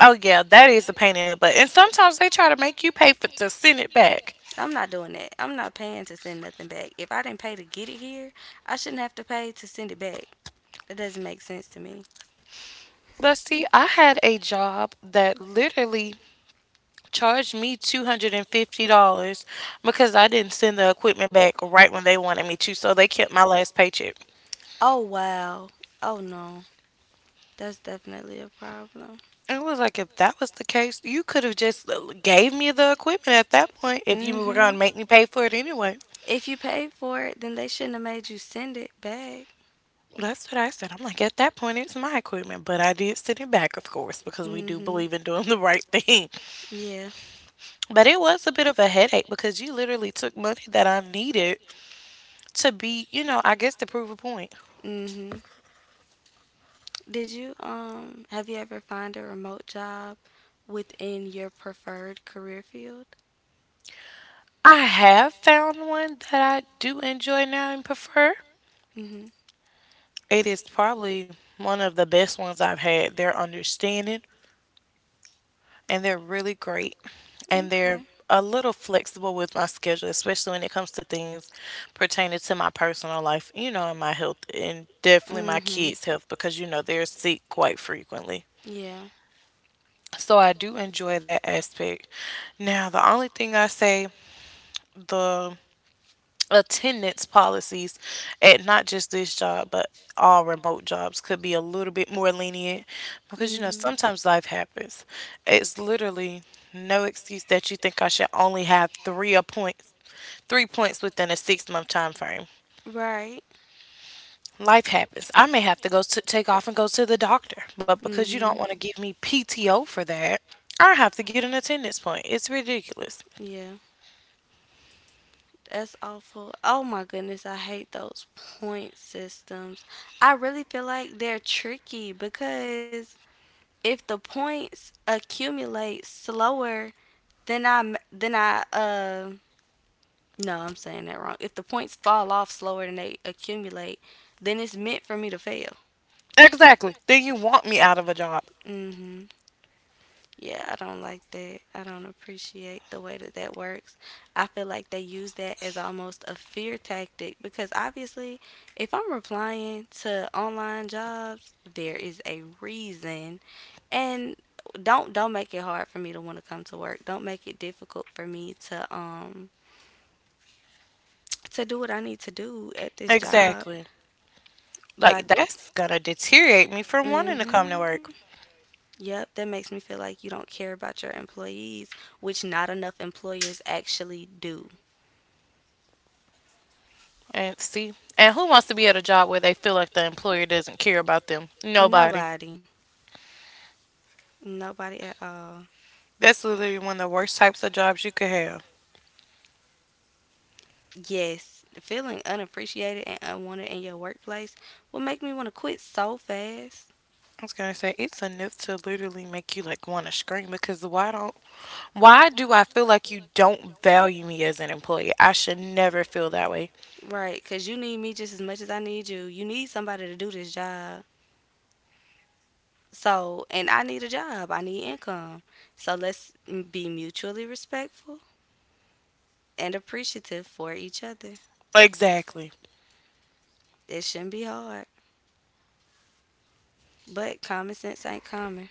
Speaker 1: Oh, yeah, that is a pain in the butt. And sometimes they try to make you pay for to send it back.
Speaker 2: I'm not doing that. I'm not paying to send nothing back. If I didn't pay to get it here, I shouldn't have to pay to send it back. That doesn't make sense to me.
Speaker 1: But see, I had a job that literally charged me $250 because I didn't send the equipment back right when they wanted me to, so they kept my last paycheck.
Speaker 2: Oh, wow. Oh, no. That's definitely a problem.
Speaker 1: And it was like, if that was the case, you could have just gave me the equipment at that point if you
Speaker 2: Mm
Speaker 1: were
Speaker 2: hmm.
Speaker 1: going to make me pay for it anyway.
Speaker 2: If you paid for it, then they shouldn't have made you send it back.
Speaker 1: That's what I said. I'm like, at that point, it's my equipment, but I did send it back, of course, because we
Speaker 2: Mm
Speaker 1: do
Speaker 2: hmm.
Speaker 1: believe in doing the right thing.
Speaker 2: Yeah.
Speaker 1: But it was a bit of a headache because you literally took money that I needed to be, you know, I guess to prove a point.
Speaker 2: Mm hmm. Did you have you ever found a remote job within your preferred career field?
Speaker 1: I have found one that I do enjoy now and prefer.
Speaker 2: Mhm.
Speaker 1: It is probably one of the best ones I've had. They're understanding and they're really great. And they're
Speaker 2: Okay.
Speaker 1: a little flexible with my schedule, especially when it comes to things pertaining to my personal life, you know, and my health and definitely my
Speaker 2: Mhm.
Speaker 1: kids' health because, you know, they're sick quite frequently.
Speaker 2: Yeah.
Speaker 1: So I do enjoy that aspect. Now, the only thing I say, the attendance policies at not just this job but all remote jobs could be a little bit more lenient, because you know
Speaker 2: Mhm.
Speaker 1: sometimes life happens. It's literally no excuse that you think I should only have 3 appointments, 3 points within a 6 month time frame.
Speaker 2: Right.
Speaker 1: Life happens. I may have to go to take off and go to the doctor, but because you don't want
Speaker 2: Mhm.
Speaker 1: to give me PTO for that, I have to get an attendance point. It's ridiculous.
Speaker 2: Yeah, that's awful. Oh my goodness, I hate those point systems. I really feel like they're tricky because if the points accumulate slower. Then I m- then I no, I'm saying that wrong. If the points fall off slower than they accumulate, then it's meant for me to fail.
Speaker 1: Exactly. Then you want me out of a job.
Speaker 2: Mhm. Yeah, I don't like that. I don't appreciate the way that that works. I feel like they use that as almost a fear tactic because obviously, if I'm applying to online jobs, there is a reason. And don't make it hard for me to want to come to work. Don't make it difficult for me to do what I need to do at this job.
Speaker 1: Exactly. Like
Speaker 2: But
Speaker 1: that's gonna deteriorate me from wanting to come
Speaker 2: mm-hmm.
Speaker 1: to work.
Speaker 2: Yep, that makes me feel like you don't care about your employees, which not enough employers actually do.
Speaker 1: And see, and who wants to be at a job where they feel like the employer doesn't care about them? Nobody.
Speaker 2: Nobody. Nobody at all.
Speaker 1: That's literally one of the worst types of jobs you could have.
Speaker 2: Yes, feeling unappreciated and unwanted in your workplace will make me want to quit so fast.
Speaker 1: I was gonna say it's enough to literally make you like want to scream because why don't why do I feel like you don't value me as an employee? I should never feel that way.
Speaker 2: Right, because you need me just as much as I need you. You need somebody to do this job. So, and I need a job, I need income. So be mutually respectful and appreciative for each other.
Speaker 1: Exactly.
Speaker 2: It shouldn't be hard, but common sense ain't common.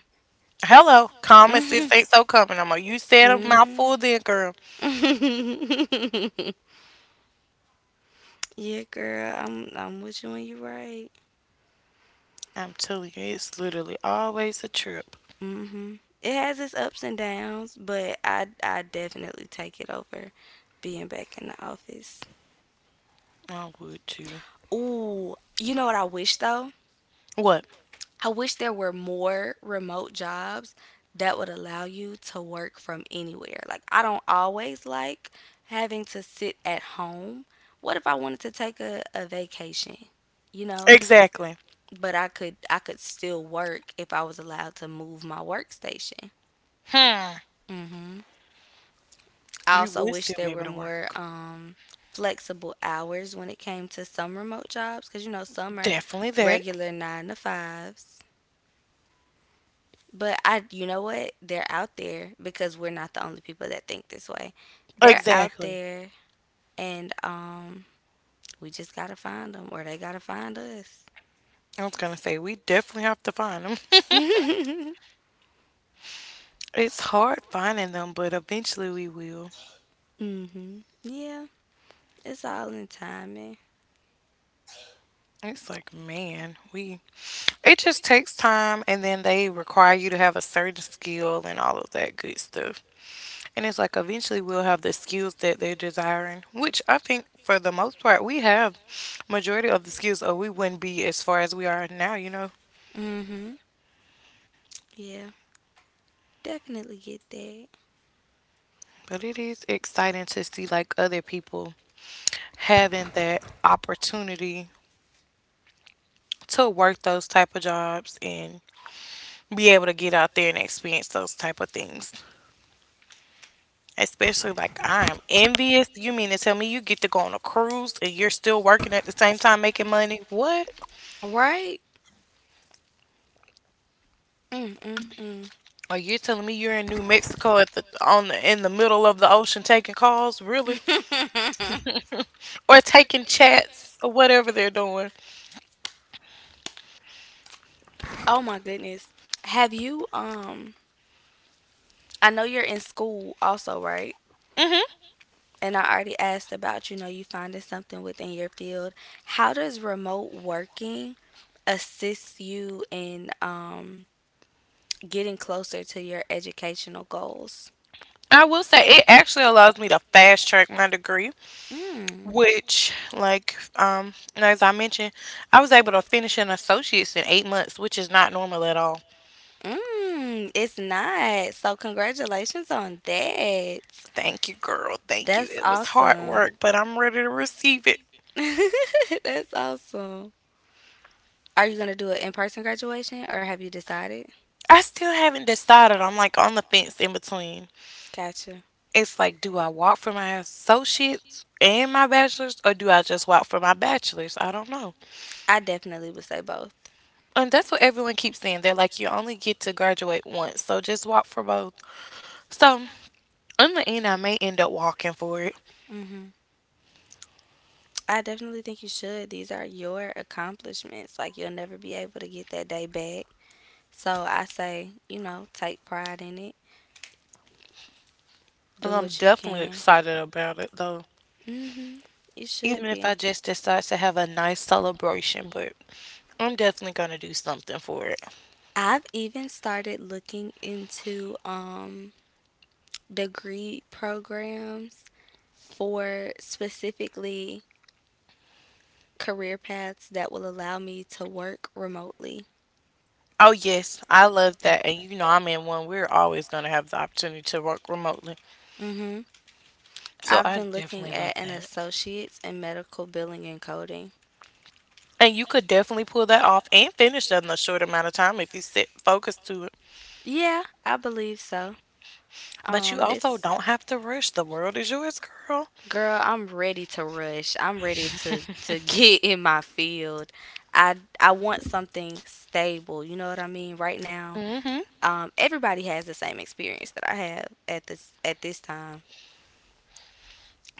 Speaker 1: Hello, common sense
Speaker 2: Hmm.
Speaker 1: ain't so common. I'm like, you said a
Speaker 2: Hmm.
Speaker 1: mouthful then, girl.
Speaker 2: Yeah, girl, I'm with you and you right.
Speaker 1: I'm telling you, it's literally always a trip.
Speaker 2: Hmm. It has its ups and downs, but I definitely take it over being back in the office.
Speaker 1: I would too.
Speaker 2: Ooh, you know what I wish though?
Speaker 1: What?
Speaker 2: I wish there were more remote jobs that would allow you to work from anywhere. Like, I don't always like having to sit at home. What if I wanted to take a vacation? You know,
Speaker 1: Exactly.
Speaker 2: but I could still work if I was allowed to move my workstation.
Speaker 1: Hmm.
Speaker 2: Hmm. I
Speaker 1: You
Speaker 2: also
Speaker 1: would
Speaker 2: wish
Speaker 1: still be
Speaker 2: there
Speaker 1: able
Speaker 2: were
Speaker 1: to
Speaker 2: more
Speaker 1: work.
Speaker 2: flexible hours when it came to some remote jobs because you know some are
Speaker 1: Definitely that.
Speaker 2: regular nine to fives. But I, you know what? They're out there because we're not the only people that think this way. They're out
Speaker 1: Exactly.
Speaker 2: there, and we just gotta find them, or they gotta find us.
Speaker 1: I was gonna say we definitely have to find them.
Speaker 2: Mhm.
Speaker 1: It's hard finding them, but eventually we will.
Speaker 2: Yeah, it's all in timing.
Speaker 1: It's like man, we. It just takes time, and then they require you to have a certain skill and all of that good stuff. And it's like eventually we'll have the skills that they're desiring, which I think for the most part we have majority of the skills, or we wouldn't be as far as we are now. You know.
Speaker 2: Mhm. Yeah, definitely get that.
Speaker 1: But it is exciting to see like other people having that opportunity to work those type of jobs and be able to get out there and experience those type of things. Especially like I'm envious. You mean to tell me you get to go on a cruise and you're still working at the same time making money? What?
Speaker 2: Right? Mm. Mm.
Speaker 1: Or you're telling me you're in New Mexico at the on the in the middle of the ocean taking calls, really?
Speaker 2: Mm.
Speaker 1: Or taking chats or whatever they're doing.
Speaker 2: Oh my goodness. Have you? I know you're in school also, right?
Speaker 1: hmm
Speaker 2: And I already asked about, you know, you finding something within your field. How does remote working assist you in getting closer to your educational goals?
Speaker 1: I will say it actually allows me to fast track my degree.
Speaker 2: Mm.
Speaker 1: Which, like, and as I mentioned, I was able to finish an associate's in 8 months, which is not normal at all.
Speaker 2: Mm, it's not. So congratulations on that.
Speaker 1: Thank you, girl. Thank you.
Speaker 2: That's
Speaker 1: It was hard
Speaker 2: awesome.
Speaker 1: work, but I'm ready to receive it.
Speaker 2: That's awesome. Are you gonna do an in-person graduation or have you decided?
Speaker 1: I still haven't decided. I'm like on the fence in between.
Speaker 2: Gotcha.
Speaker 1: It's like, do I walk for my associates and my bachelor's, or do I just walk for my bachelor's? I don't know.
Speaker 2: I definitely would say both.
Speaker 1: And that's what everyone keeps saying. They're like, you only get to graduate once, so just walk for both. So, in the end, I may end up walking for it.
Speaker 2: Hmm. I definitely think you should. These are your accomplishments. Like you'll never be able to get that day back. So I say, you know, take pride in it.
Speaker 1: And
Speaker 2: Do
Speaker 1: I'm
Speaker 2: what you
Speaker 1: definitely
Speaker 2: can.
Speaker 1: excited about it though.
Speaker 2: Mhm. You
Speaker 1: Even
Speaker 2: should
Speaker 1: if I
Speaker 2: be.
Speaker 1: just decide to have a nice celebration, but I'm definitely going to do something for it.
Speaker 2: I've even started looking into degree programs for specifically career paths that will allow me to work remotely.
Speaker 1: Oh, yes, I love that. And you know, I'm in one. We're always going to have the opportunity to work remotely.
Speaker 2: Mm-hmm.
Speaker 1: So
Speaker 2: I've
Speaker 1: I
Speaker 2: been looking
Speaker 1: definitely love
Speaker 2: at an
Speaker 1: that.
Speaker 2: associate's in medical billing and coding.
Speaker 1: And you could definitely pull that off and finish that in a short amount of time if you sit focused to it.
Speaker 2: Yeah, I believe so.
Speaker 1: But you also
Speaker 2: It's
Speaker 1: don't have to rush. The world is yours, girl.
Speaker 2: girl, I'm ready to rush. I'm ready to get in my field. I want something stable. You know what I mean? Right now,
Speaker 1: Mm hmm.
Speaker 2: everybody has the same experience that I have at this time.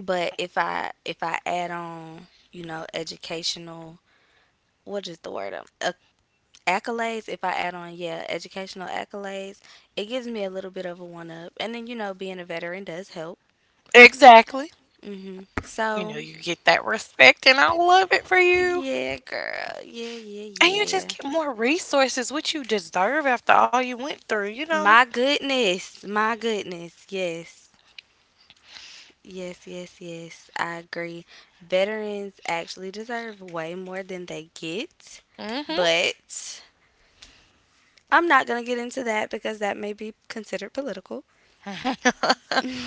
Speaker 2: But if I add on, you know, educational, what is the word? Accolades. If I add on, yeah, educational accolades, it gives me a little bit of a one up. And then you know, being a veteran does help.
Speaker 1: Exactly.
Speaker 2: Hmm.
Speaker 1: You know,
Speaker 2: So
Speaker 1: you get that respect, and I love it for
Speaker 2: it.
Speaker 1: you.
Speaker 2: Yeah, girl. Yeah, yeah,
Speaker 1: And you just
Speaker 2: yeah.
Speaker 1: get more resources, which you deserve after all you went through, you know?
Speaker 2: My goodness. My goodness. Yes. Yes, yes, yes. I agree. Veterans actually deserve way more than they get.
Speaker 1: Mhm.
Speaker 2: But I'm not going to get into that because that may be considered political.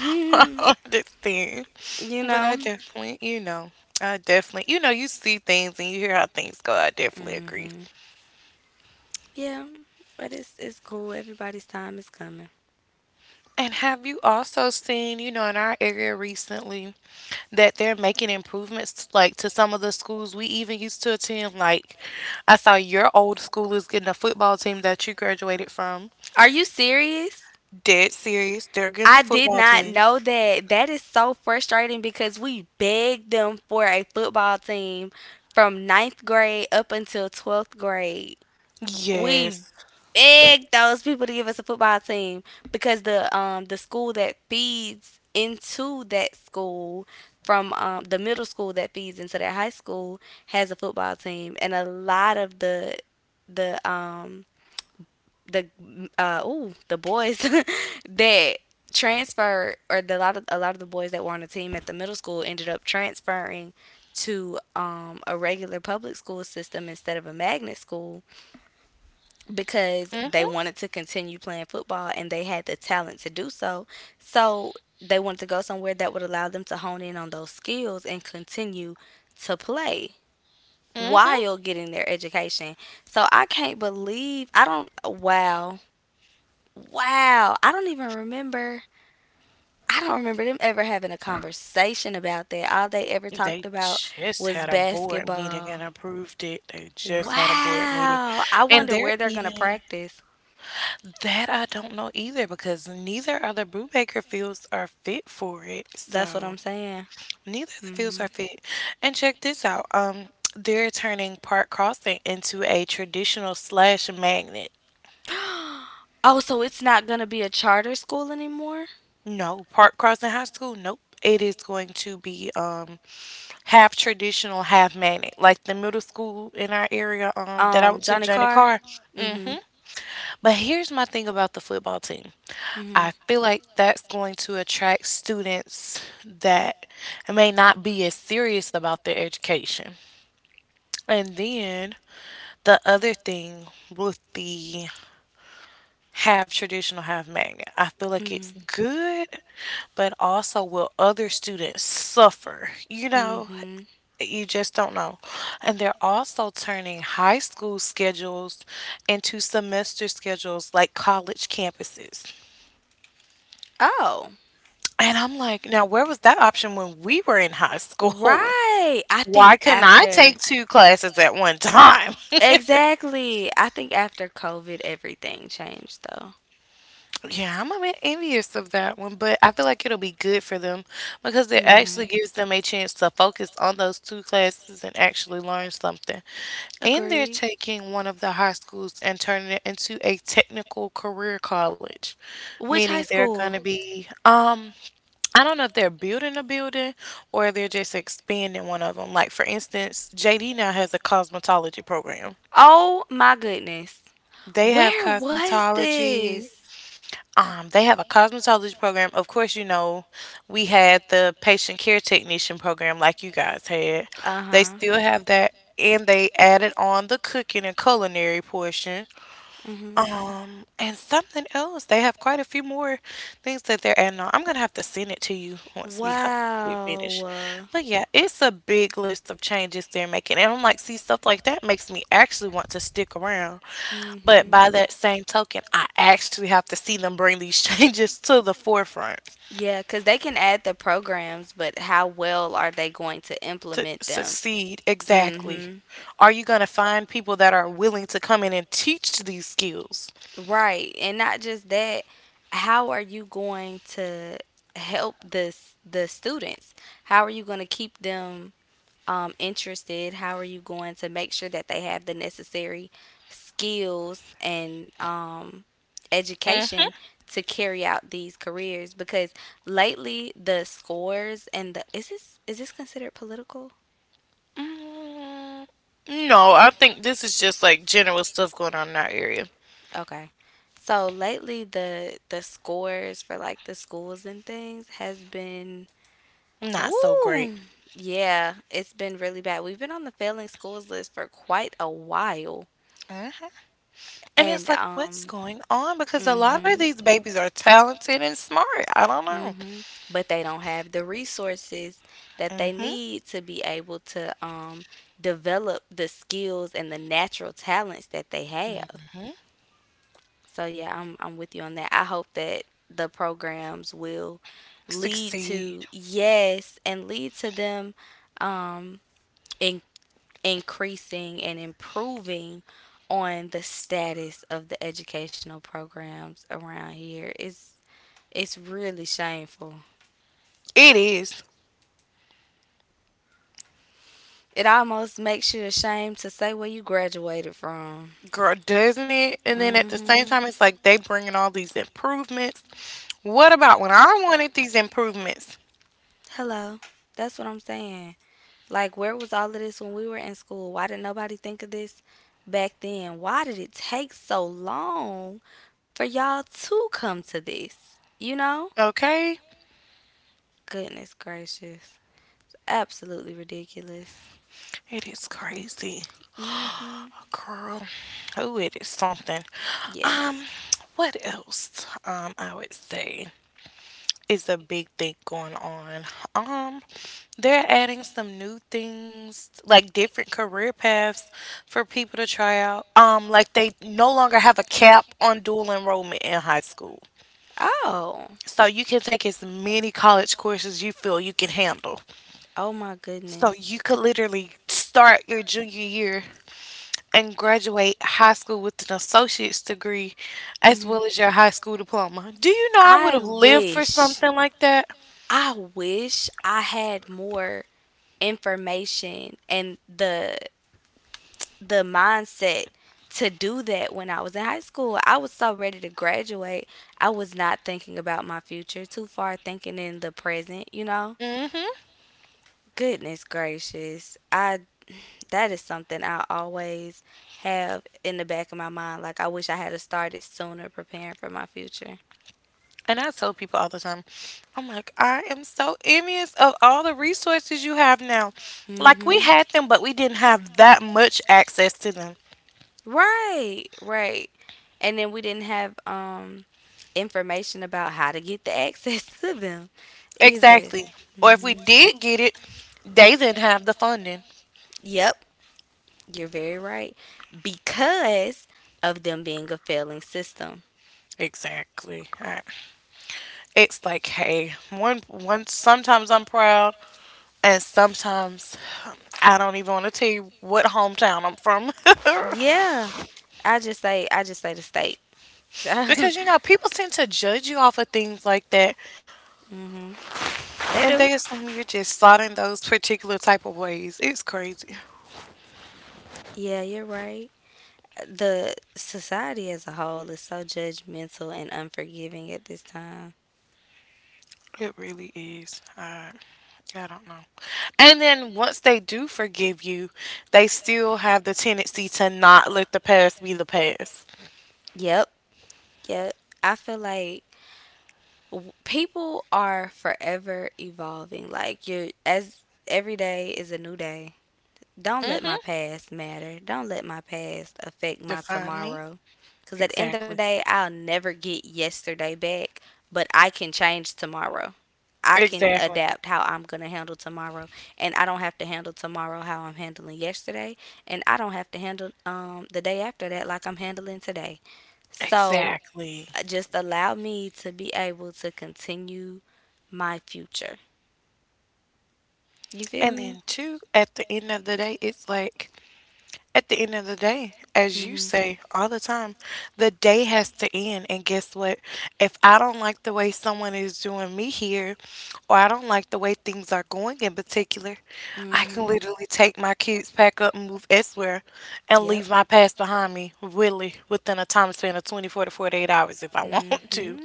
Speaker 1: I understand.
Speaker 2: You
Speaker 1: But
Speaker 2: know?
Speaker 1: I definitely, you see things and you hear how things go. I definitely agree.
Speaker 2: Hmm. Yeah. But it's cool. Everybody's time is coming.
Speaker 1: And have you also seen, in our area recently that they're making improvements like to some of the schools we even used to attend? Like, I saw your old school is getting a football team that you graduated from.
Speaker 2: Are you serious?
Speaker 1: Dead serious. They're getting a
Speaker 2: I did
Speaker 1: football
Speaker 2: not
Speaker 1: team.
Speaker 2: know that. That is so frustrating because we begged them for a football team from ninth grade up until 12th grade.
Speaker 1: Yes.
Speaker 2: We begged those people to give us a football team because the school that feeds into that school from the middle school that feeds into that high school has a football team and a lot of the um the oh the boys that transferred or the lot of a lot of the boys that were on the team at the middle school ended up transferring to a regular public school system instead of a magnet school because they
Speaker 1: Mm-hmm.
Speaker 2: wanted to continue playing football and they had the talent to do so. So they wanted to go somewhere that would allow them to hone in on those skills and continue to play
Speaker 1: Mm-hmm.
Speaker 2: while getting their education. So I can't believe I don't wow. Wow, I don't even remember. I don't remember them ever having a conversation about that. All they ever
Speaker 1: They
Speaker 2: talked about
Speaker 1: just had
Speaker 2: was
Speaker 1: a board meeting and
Speaker 2: basketball.
Speaker 1: approved it. They just had a board meeting.
Speaker 2: Wow. I
Speaker 1: And
Speaker 2: wonder
Speaker 1: they're
Speaker 2: where they're going to
Speaker 1: even
Speaker 2: practice.
Speaker 1: that I don't know either because neither of the Brubaker fields are fit for it.
Speaker 2: That's what
Speaker 1: So
Speaker 2: I'm saying.
Speaker 1: neither of the fields
Speaker 2: Hmm.
Speaker 1: are fit. And check this out. They're turning Park Crossing into a traditional slash magnet.
Speaker 2: Oh, so it's not going to be a charter school anymore?
Speaker 1: No, Park Crossing High School, nope. It is going to be half traditional, half magnet. Like the middle school in our area, that I went to,
Speaker 2: Johnny
Speaker 1: Johnny
Speaker 2: Carr?
Speaker 1: Carr.
Speaker 2: Mm hmm.
Speaker 1: But here's my thing about the football team.
Speaker 2: Mm
Speaker 1: I feel like that's going to attract students that may not be as serious about their education. And then the other thing with the half traditional, half magnet, I feel like it's
Speaker 2: hmm.
Speaker 1: good, but also will other students suffer? You
Speaker 2: Mm
Speaker 1: know,
Speaker 2: hmm.
Speaker 1: you just don't know. And they're also turning high school schedules into semester schedules like college campuses.
Speaker 2: Oh.
Speaker 1: And I'm like, now where was that option when we were in high school?
Speaker 2: Right. I
Speaker 1: Why
Speaker 2: think
Speaker 1: couldn't I
Speaker 2: after
Speaker 1: take 2 classes at one time?
Speaker 2: Exactly. I think after COVID everything changed though.
Speaker 1: Yeah, I'm a bit envious of that one, but I feel like it'll be good for them because it actually
Speaker 2: Mhm.
Speaker 1: gives them a chance to focus on those 2 classes and actually learn something. And they're
Speaker 2: Agreed.
Speaker 1: taking one of the high schools and turning it into a technical career college,
Speaker 2: Which
Speaker 1: meaning
Speaker 2: high
Speaker 1: they're going to
Speaker 2: school?
Speaker 1: be, I don't know if they're building a building or they're just expanding one of them. Like for instance, JD now has a cosmetology program.
Speaker 2: Oh my goodness.
Speaker 1: They have
Speaker 2: Where was
Speaker 1: cosmetology.
Speaker 2: this?
Speaker 1: They have a cosmetology program. Of course, you know, we had the patient care technician program like you guys had. They
Speaker 2: Uh-huh.
Speaker 1: still have that and they added on the cooking and culinary portion.
Speaker 2: Mhm.
Speaker 1: And something else. They have quite a few more things that they're adding on. I'm gonna have to send it to you once we get finished.
Speaker 2: Wow.
Speaker 1: But yeah, it's a big list of changes they're making, and I'm like, see, stuff like that makes me actually want to stick around. But
Speaker 2: Mhm.
Speaker 1: by that same token, I actually have to see them bring these changes to the
Speaker 2: the world.
Speaker 1: forefront
Speaker 2: Yeah, cuz they can add the programs, but how well are they going to
Speaker 1: to
Speaker 2: implement them?
Speaker 1: succeed. Exactly.
Speaker 2: Exactly.
Speaker 1: Are you gonna find people that are willing to come in and teach these skills?
Speaker 2: Mhm. Right. And not just that, how are you going to help this the students? How are you going to keep them interested? How are you going to make sure that they have the necessary skills and
Speaker 1: Mm-hmm.
Speaker 2: education to carry out these careers? Because lately, the scores and the is this considered political?
Speaker 1: No, I think this is just like general stuff going on in our area.
Speaker 2: Okay, so lately the scores for like the schools and things has been
Speaker 1: Not so great.
Speaker 2: woo. Yeah, it's been really bad. We've been on the failing schools list for quite a while,
Speaker 1: hmm And
Speaker 2: and
Speaker 1: it's like, what's going on? Because a lot of
Speaker 2: Mhm.
Speaker 1: these babies are talented and smart. I don't know.
Speaker 2: Mhm. But they don't have the resources that they
Speaker 1: hmm
Speaker 2: need to be able to develop the skills and the natural talents that they have. So yeah, I'm with you on that. I hope that the programs will lead to
Speaker 1: Succeed.
Speaker 2: yes and lead to them um in, increasing and improving on the status of the educational programs around here. It's really shameful.
Speaker 1: It is.
Speaker 2: It almost makes you ashamed to say where you graduated from.
Speaker 1: Girl, doesn't it? And then at the same
Speaker 2: Hmm.
Speaker 1: time, it's like they bringing all these improvements. What about when I wanted these improvements?
Speaker 2: Hello. That's what I'm saying. Like, where was all of this when we were in school? Why didn't nobody think of this back then? Why did it take so long for y'all to come to this? You know?
Speaker 1: Okay?
Speaker 2: Goodness gracious. Absolutely ridiculous.
Speaker 1: It is crazy.
Speaker 2: Hmm.
Speaker 1: Girl, oh, it is something. Um,
Speaker 2: Yes.
Speaker 1: what else? I would say is a big thing going on. Um, they're adding some new things, like different career paths for people to try out. Like they no longer have a cap on dual enrollment in high school.
Speaker 2: Oh.
Speaker 1: So you can take as many college courses you feel you can handle.
Speaker 2: Oh my
Speaker 1: So you
Speaker 2: goodness.
Speaker 1: could literally start your junior year and graduate high school with an associate's degree as
Speaker 2: Mhm.
Speaker 1: well as your high school diploma. Do you know I would
Speaker 2: I
Speaker 1: have lived for
Speaker 2: wish,
Speaker 1: something like that?
Speaker 2: I wish I had more information and the mindset to do that when I was in high school. I was so ready to graduate. I was not thinking about my future, too far thinking in the present, you know?
Speaker 1: hmm
Speaker 2: Goodness gracious. I That is something I always have in the back of my mind. Like I wish I had have started sooner preparing for my future.
Speaker 1: And I tell people all the time, I'm like, I am so envious of all the resources you have now. Like, we
Speaker 2: Mm-hmm.
Speaker 1: had
Speaker 2: Like
Speaker 1: them, but we didn't have that much access to them.
Speaker 2: them. Right, right. And then we didn't have information about how to get the access to them either.
Speaker 1: Exactly. Or if we
Speaker 2: Mm-hmm.
Speaker 1: did get it, they didn't have the funding.
Speaker 2: Yep, you're very right. Because of them being a failing system.
Speaker 1: Exactly. Alright. It's like, hey, one, sometimes I'm proud, and sometimes um, I don't even want to tell you what hometown I'm from.
Speaker 2: From. Yeah, I just say the state.
Speaker 1: Because, you know, people tend to judge you off of things like that.
Speaker 2: Mhm. They
Speaker 1: And
Speaker 2: do.
Speaker 1: they assume you're just slotting those particular type of ways. It's crazy.
Speaker 2: Yeah, you're right. The society as a whole is so judgmental and unforgiving at this time.
Speaker 1: It really is. I don't know. And then once they do forgive you, they still have the tendency to not let the past be the past.
Speaker 2: Yep, yep. I feel like people are forever evolving. Like you're as every day is a new day. Don't let my
Speaker 1: Mm-hmm.
Speaker 2: past matter. Don't let my past affect my
Speaker 1: Define me.
Speaker 2: tomorrow. Because at the end of the
Speaker 1: Exactly.
Speaker 2: day, I'll never get yesterday back, but I can change tomorrow. I can
Speaker 1: Exactly.
Speaker 2: adapt how I'm going to handle tomorrow. And I don't have to handle tomorrow how I'm handling yesterday. And I don't have to handle the day after that like I'm handling today. So
Speaker 1: Exactly.
Speaker 2: just allow me to be able to continue my future. You feel
Speaker 1: And
Speaker 2: me?
Speaker 1: then two, at the end of the day, it's like at the end of the day, as
Speaker 2: Mm
Speaker 1: you
Speaker 2: hmm.
Speaker 1: say all the time, the day has to end. And guess what? If I don't like the way someone is doing me here, or I don't like the way things are going in particular, I
Speaker 2: Mm
Speaker 1: can
Speaker 2: hmm.
Speaker 1: literally take my kids, pack up, and move elsewhere and leave
Speaker 2: Yep.
Speaker 1: my past behind me, really, within a time span of 24 to 48 hours if I want to.
Speaker 2: Hmm.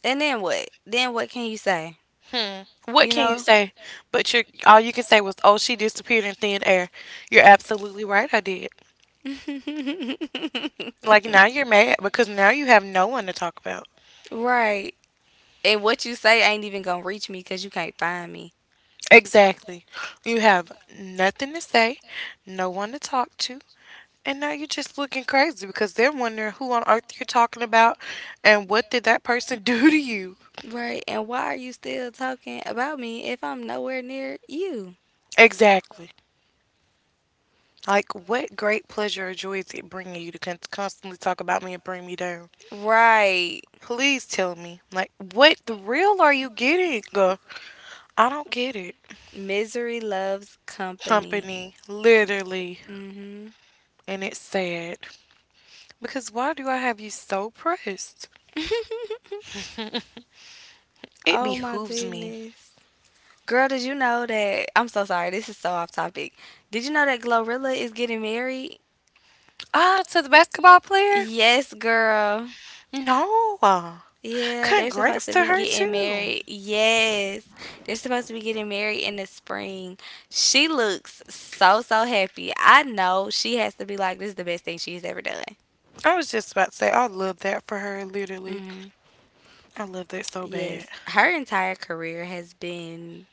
Speaker 2: And then what? Then what can you say?
Speaker 1: Hmm. What
Speaker 2: You
Speaker 1: can you
Speaker 2: know?
Speaker 1: say? But you are all you can say was, oh, she disappeared in thin air. You're absolutely right, I did. Like now you're mad because now you have no one to talk about.
Speaker 2: Right. And what you say ain't even gonna reach me because you can't find me.
Speaker 1: Exactly. You have nothing to say, no one to talk to, and now you're just looking crazy because they're wondering who on earth you're talking about and what did that person do to you.
Speaker 2: Right. And why are you still talking about me if I'm nowhere near you?
Speaker 1: Exactly. Like what great pleasure or joy is it bringing you to constantly talk about me and bring me down?
Speaker 2: Right.
Speaker 1: Please tell me, like what the real are you getting? Girl, I don't get it.
Speaker 2: Misery loves company.
Speaker 1: Company, literally,
Speaker 2: Hmm.
Speaker 1: and it's sad. Because why do I have you so pressed? It
Speaker 2: Oh my
Speaker 1: behooves me.
Speaker 2: goodness. Girl, did you know that? I'm so sorry. This is so off topic. Did you know that Glorilla is getting married?
Speaker 1: Ah, to the basketball player?
Speaker 2: Yes, girl.
Speaker 1: No.
Speaker 2: Yeah, they're supposed
Speaker 1: Congrats
Speaker 2: to
Speaker 1: to
Speaker 2: be
Speaker 1: her,
Speaker 2: getting
Speaker 1: too.
Speaker 2: married. Yes, they're supposed to be getting married in the spring. She looks so, so happy. I know she has to be like, this is the best thing she's ever done.
Speaker 1: I was just about to say, I love that for her, literally.
Speaker 2: Mm,
Speaker 1: I love that so bad.
Speaker 2: yes, her entire career has been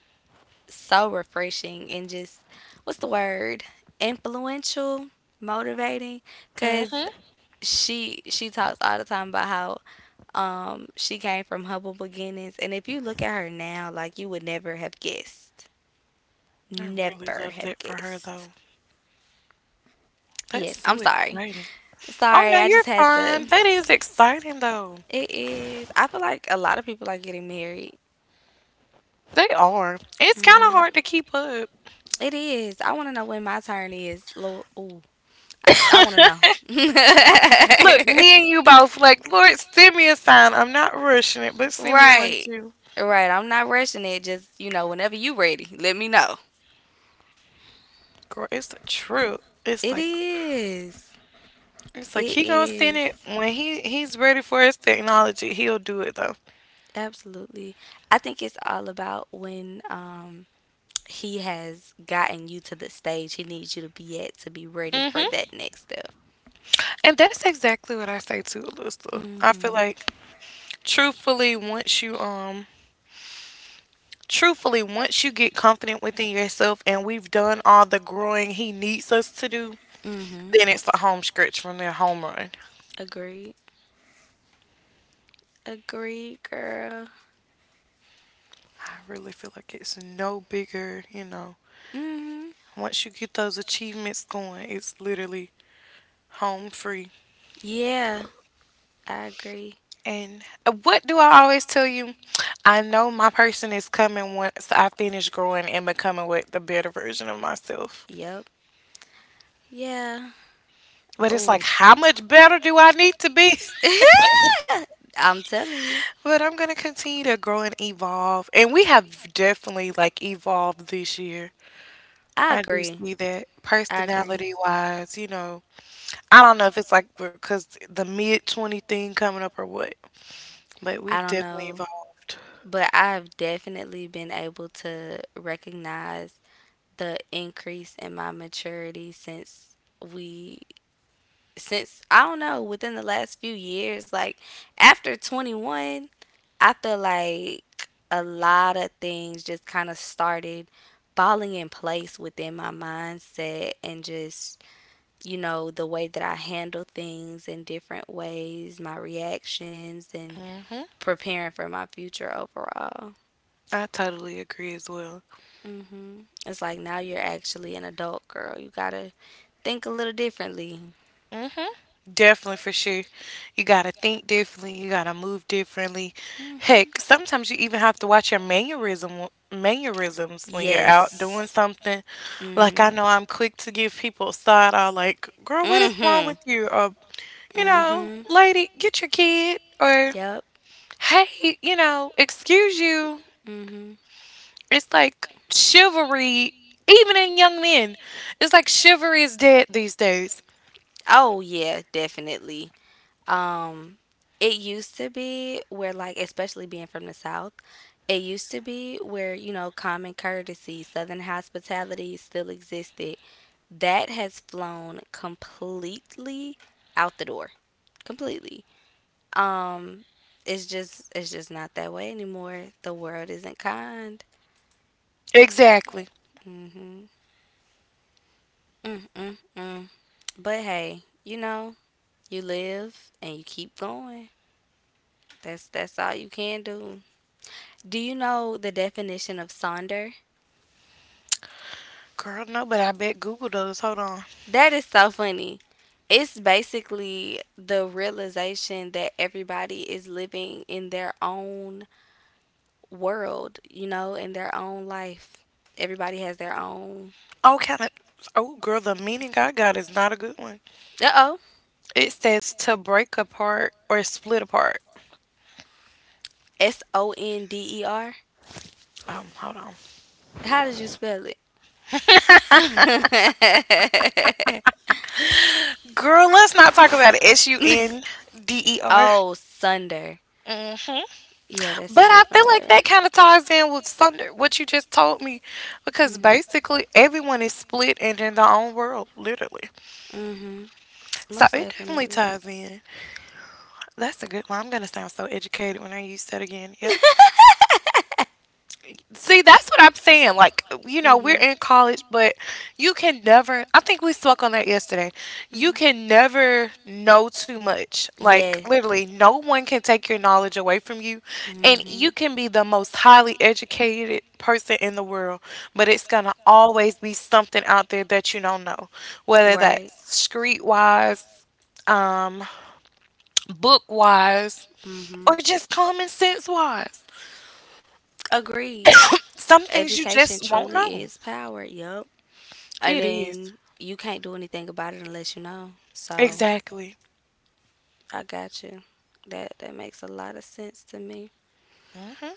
Speaker 2: so refreshing and just what's the word? Influential, motivating. Because
Speaker 1: Mm-hmm.
Speaker 2: she talks all the time about how she came from humble beginnings, and if you look at her now like you would never have guessed
Speaker 1: I really
Speaker 2: never
Speaker 1: love
Speaker 2: have
Speaker 1: that for her,
Speaker 2: guessed.
Speaker 1: though. That's
Speaker 2: Yes, I'm
Speaker 1: so
Speaker 2: sorry,
Speaker 1: exciting. Oh,
Speaker 2: sorry,
Speaker 1: no,
Speaker 2: I
Speaker 1: you're
Speaker 2: just had to.
Speaker 1: fine. That is exciting, though.
Speaker 2: It is. I feel like a lot of people are getting married.
Speaker 1: They are. It's kind of
Speaker 2: Hmm.
Speaker 1: hard to keep up.
Speaker 2: It is. I want to know when my turn is, Lord, ooh. I want to know.
Speaker 1: Look, me and you both, like, Lord, send me a sign. I'm not rushing it, but send me one,
Speaker 2: Right,
Speaker 1: too.
Speaker 2: right. I'm not rushing it, just you know whenever you ready let me know.
Speaker 1: Girl, it's a trip. It's
Speaker 2: It
Speaker 1: like
Speaker 2: is.
Speaker 1: it's like
Speaker 2: It
Speaker 1: he gonna send it
Speaker 2: is.
Speaker 1: when he's ready for his technology. He'll do it though.
Speaker 2: Absolutely. I think it's all about when he has gotten you to the stage he needs you to be at to be ready for
Speaker 1: hmm
Speaker 2: that next step.
Speaker 1: And that's exactly what I say to Alyssa. I feel
Speaker 2: Mhm.
Speaker 1: like truthfully, once you um truthfully once you get confident within yourself and we've done all the growing he needs us to do,
Speaker 2: Mhm.
Speaker 1: then it's the home stretch from their home run.
Speaker 2: Agreed. Agreed, girl.
Speaker 1: I really feel like it's no bigger, you know.
Speaker 2: Mhm.
Speaker 1: Once you get those achievements going, it's literally home free.
Speaker 2: Yeah, I agree.
Speaker 1: And what do I always tell you? I know my person is coming once I finish growing and becoming what the better version of myself.
Speaker 2: Yep. Yeah.
Speaker 1: But it's
Speaker 2: Oh.
Speaker 1: like, how much better do I need to be?
Speaker 2: I'm telling you.
Speaker 1: But I'm gonna continue to grow and evolve, and we have definitely like evolved this year.
Speaker 2: I
Speaker 1: I do
Speaker 2: agree.
Speaker 1: see that
Speaker 2: I agree.
Speaker 1: personality wise, you know, I don't know if it's like because the mid 20 thing coming up or what, but
Speaker 2: I
Speaker 1: we've
Speaker 2: don't
Speaker 1: definitely
Speaker 2: know.
Speaker 1: evolved.
Speaker 2: But I've definitely been able to recognize the increase in my maturity since we, since I don't know, within the last few years. Like after 21, I feel like a lot of things just kind of started falling in place within my mindset, and just, you know, the way that I handle things in different ways, my reactions, and
Speaker 1: hmm
Speaker 2: preparing for my future overall.
Speaker 1: I totally agree as well.
Speaker 2: Hmm. It's like now you're actually an adult girl. You gotta think a little differently.
Speaker 1: Mm-hmm. Definitely for sure. You gotta think differently. You gotta move differently.
Speaker 2: Hmm.
Speaker 1: Heck, sometimes you even have to watch your mannerisms when you're out doing
Speaker 2: Yes.
Speaker 1: something. Like
Speaker 2: Hmm.
Speaker 1: I know I'm quick to give people a side eye, like, "Girl, what is wrong
Speaker 2: Hmm.
Speaker 1: with you?" Or, you know,
Speaker 2: Hmm.
Speaker 1: "Lady, get your kid." Or,
Speaker 2: Yep.
Speaker 1: "Hey, you know, excuse you."
Speaker 2: Hmm.
Speaker 1: It's like chivalry, even in young men. It's like chivalry is dead these days.
Speaker 2: Oh yeah, definitely. Um, it used to be where like, especially being from the South, it used to be where, you know, common courtesy, Southern hospitality still existed. That has flown completely out the door. Completely. Um, it's just not that way anymore. The world isn't kind.
Speaker 1: Exactly.
Speaker 2: Mhm. Mm mm mm. But hey, you know, you live and you keep going. That's all you can do. Do you know the definition of sonder?
Speaker 1: Girl, no, but I bet Google does. Hold on.
Speaker 2: That is so funny. It's basically the realization that everybody is living in their own world, you know, in their own life. Everybody has their own.
Speaker 1: Oh, kind of. Oh, girl, the meaning I got is not a good one.
Speaker 2: Uh oh.
Speaker 1: It says to break apart or split apart.
Speaker 2: Sonder.
Speaker 1: Hold on.
Speaker 2: How did you spell it?
Speaker 1: Girl, let's not talk about it. S U N D E R.
Speaker 2: Oh, sunder.
Speaker 1: Mhm.
Speaker 2: Yeah, that's
Speaker 1: But
Speaker 2: a
Speaker 1: I feel
Speaker 2: different
Speaker 1: like
Speaker 2: word.
Speaker 1: that kind of ties in with Sunder, what you just told me, because
Speaker 2: Hmm.
Speaker 1: basically everyone is split and in their own world, literally.
Speaker 2: Hmm.
Speaker 1: So
Speaker 2: Most
Speaker 1: it definitely
Speaker 2: definitely.
Speaker 1: ties in. That's a good one. I'm gonna sound so educated when I use that again. Yep. See, that's what I'm saying. Like, you know, we're
Speaker 2: Hmm.
Speaker 1: in college, but you can never, I think we spoke on that yesterday. You
Speaker 2: Hmm.
Speaker 1: can never know too much. Like,
Speaker 2: Yes.
Speaker 1: literally, no one can take your knowledge away from you. And you
Speaker 2: Mm-hmm.
Speaker 1: can be the most highly educated person in the world, but it's going to always be something out there that you don't know,
Speaker 2: World,
Speaker 1: whether that's
Speaker 2: right.
Speaker 1: street wise, um, book wise,
Speaker 2: Mm-hmm.
Speaker 1: or just common sense wise.
Speaker 2: Agreed.
Speaker 1: Some things you
Speaker 2: Education
Speaker 1: just won't
Speaker 2: truly
Speaker 1: know.
Speaker 2: is power. Yup. And
Speaker 1: It is.
Speaker 2: then you can't do anything about it unless you know. So
Speaker 1: Exactly.
Speaker 2: I got you. That makes a lot of sense to me.
Speaker 1: hmm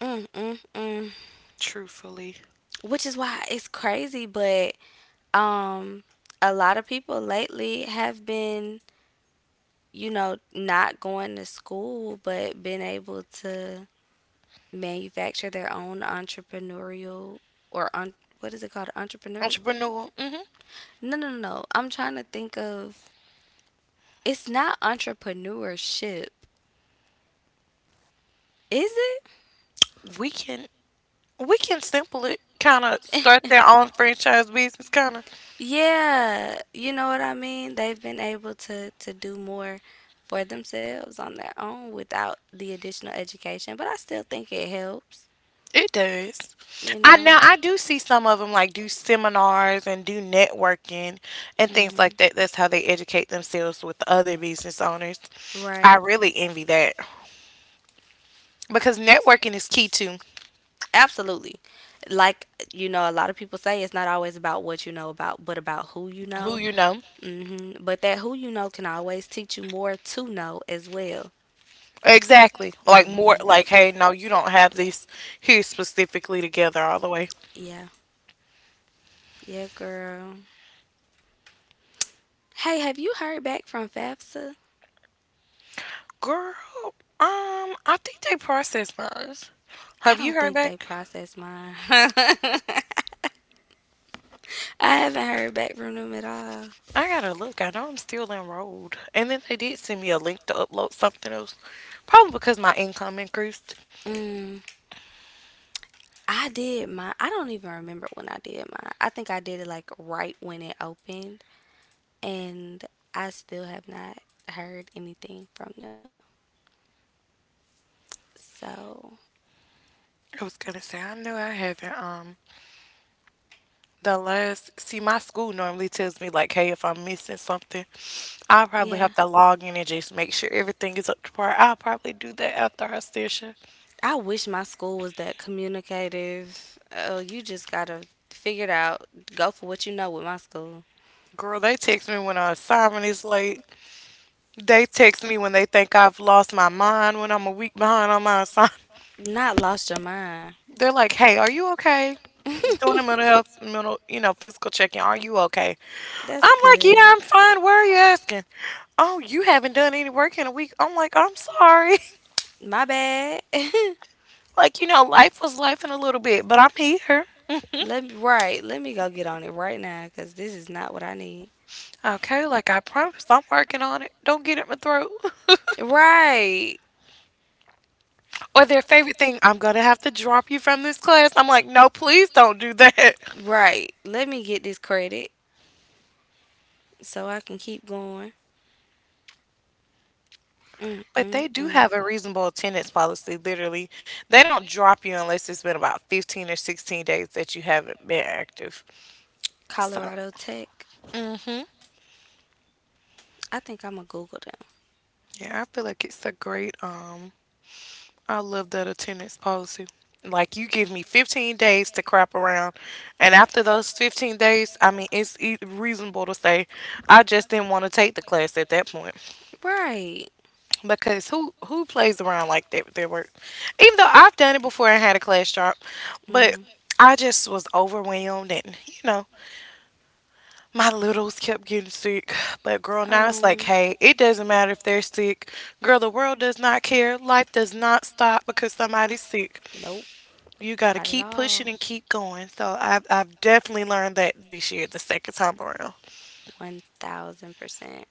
Speaker 2: Mm mm mm.
Speaker 1: Truthfully,
Speaker 2: Which is why it's crazy, but um, a lot of people lately have been, you know, not going to school, but been able to manufacture their own entrepreneurial or what is it called? Entrepreneur?
Speaker 1: entrepreneur. Hmm
Speaker 2: No, no, no, no. I'm trying to think of. It's not entrepreneurship, is it?
Speaker 1: We can we can simple it. Kind of start their own franchise business. Kind of
Speaker 2: Yeah, you know what I mean? They've been able to do more for themselves on their own without the additional education, but I still think it helps,
Speaker 1: it does.
Speaker 2: you
Speaker 1: I
Speaker 2: know.
Speaker 1: now I do see some of them like do seminars and do networking and things like
Speaker 2: Mhm.
Speaker 1: that. That's how they educate themselves with other business owners. I
Speaker 2: Right.
Speaker 1: really envy that because networking is key to
Speaker 2: Absolutely. Like, you know, a lot of people say it's not always about what you know about, but about who you
Speaker 1: who
Speaker 2: know.
Speaker 1: you know.
Speaker 2: Hmm. But that who you know can always teach you more to know as well.
Speaker 1: Exactly. Like more
Speaker 2: Hmm.
Speaker 1: like hey, no, you don't have this here specifically together all the way.
Speaker 2: Yeah. Yeah, girl. Hey, have you heard back from FAFSA?
Speaker 1: Girl, um, I think they processed mine.
Speaker 2: I
Speaker 1: Have you
Speaker 2: don't
Speaker 1: heard
Speaker 2: think they
Speaker 1: back?
Speaker 2: processed mine. I haven't heard back from them at all.
Speaker 1: I gotta look. I know I'm still enrolled. And then they did send me a link to upload something else. Probably because my income increased.
Speaker 2: Mm, I did mine. I don't even remember when I did mine. I think I did it like right when it opened. And I still have not heard anything from them. So,
Speaker 1: I was gonna say, I know I haven't, the last, see, my school normally tells me, like, hey, if I'm missing something, I'll probably
Speaker 2: yeah.
Speaker 1: have to log in and just make sure everything is up to par. I'll probably do that after our session.
Speaker 2: I wish my school was that communicative. Oh, you just gotta figure it out. Go for what you know with my school.
Speaker 1: Girl, they text me when our assignment is late. They text me when they think I've lost my mind, when I'm a week behind on my assignment.
Speaker 2: Not lost your mind.
Speaker 1: They're like, "Hey, are you okay?" Doing a mental health, mental, physical check-in. Are you okay?
Speaker 2: That's
Speaker 1: I'm like, "Yeah,
Speaker 2: good.
Speaker 1: I'm fine. Why are you asking?" Oh, you haven't done any work in a week. I'm like, I'm sorry.
Speaker 2: My bad.
Speaker 1: like, you know, life was life in a little bit, but I'm here.
Speaker 2: Let me right. Let me go get on it right now because this is not what I need.
Speaker 1: Okay, like I promised, I'm working on it. Don't get at my throat.
Speaker 2: Right,
Speaker 1: or their favorite thing, I'm gonna have to drop you from this class. I'm like, no, please don't do that.
Speaker 2: right. Let me get this credit so I can keep going. Mm
Speaker 1: But
Speaker 2: mm
Speaker 1: they do
Speaker 2: mm.
Speaker 1: have a reasonable attendance policy, literally. They don't drop you unless it's been about 15 or 16 days that you haven't been active. So,
Speaker 2: Colorado Tech. I think I'm gonna Google them.
Speaker 1: yeah, I feel like it's a great, I love that attendance policy. Like, you give me 15 days to crap around, and after those 15 days, I mean, it's reasonable to say I just didn't want to take the class at that point.
Speaker 2: Right.
Speaker 1: Because who plays around like that with their work, even though I've done it before and had a class job, but
Speaker 2: Mm.
Speaker 1: I just was overwhelmed, and you know, my littles kept getting sick. But girl, now it's like
Speaker 2: Um.
Speaker 1: hey, it doesn't matter if they're sick. Girl, the world does not care. Life does not stop because somebody's sick.
Speaker 2: Nope.
Speaker 1: You got to
Speaker 2: Not at
Speaker 1: keep
Speaker 2: all.
Speaker 1: pushing and keep going. So I've definitely learned that this year the second time around.
Speaker 2: 1000%.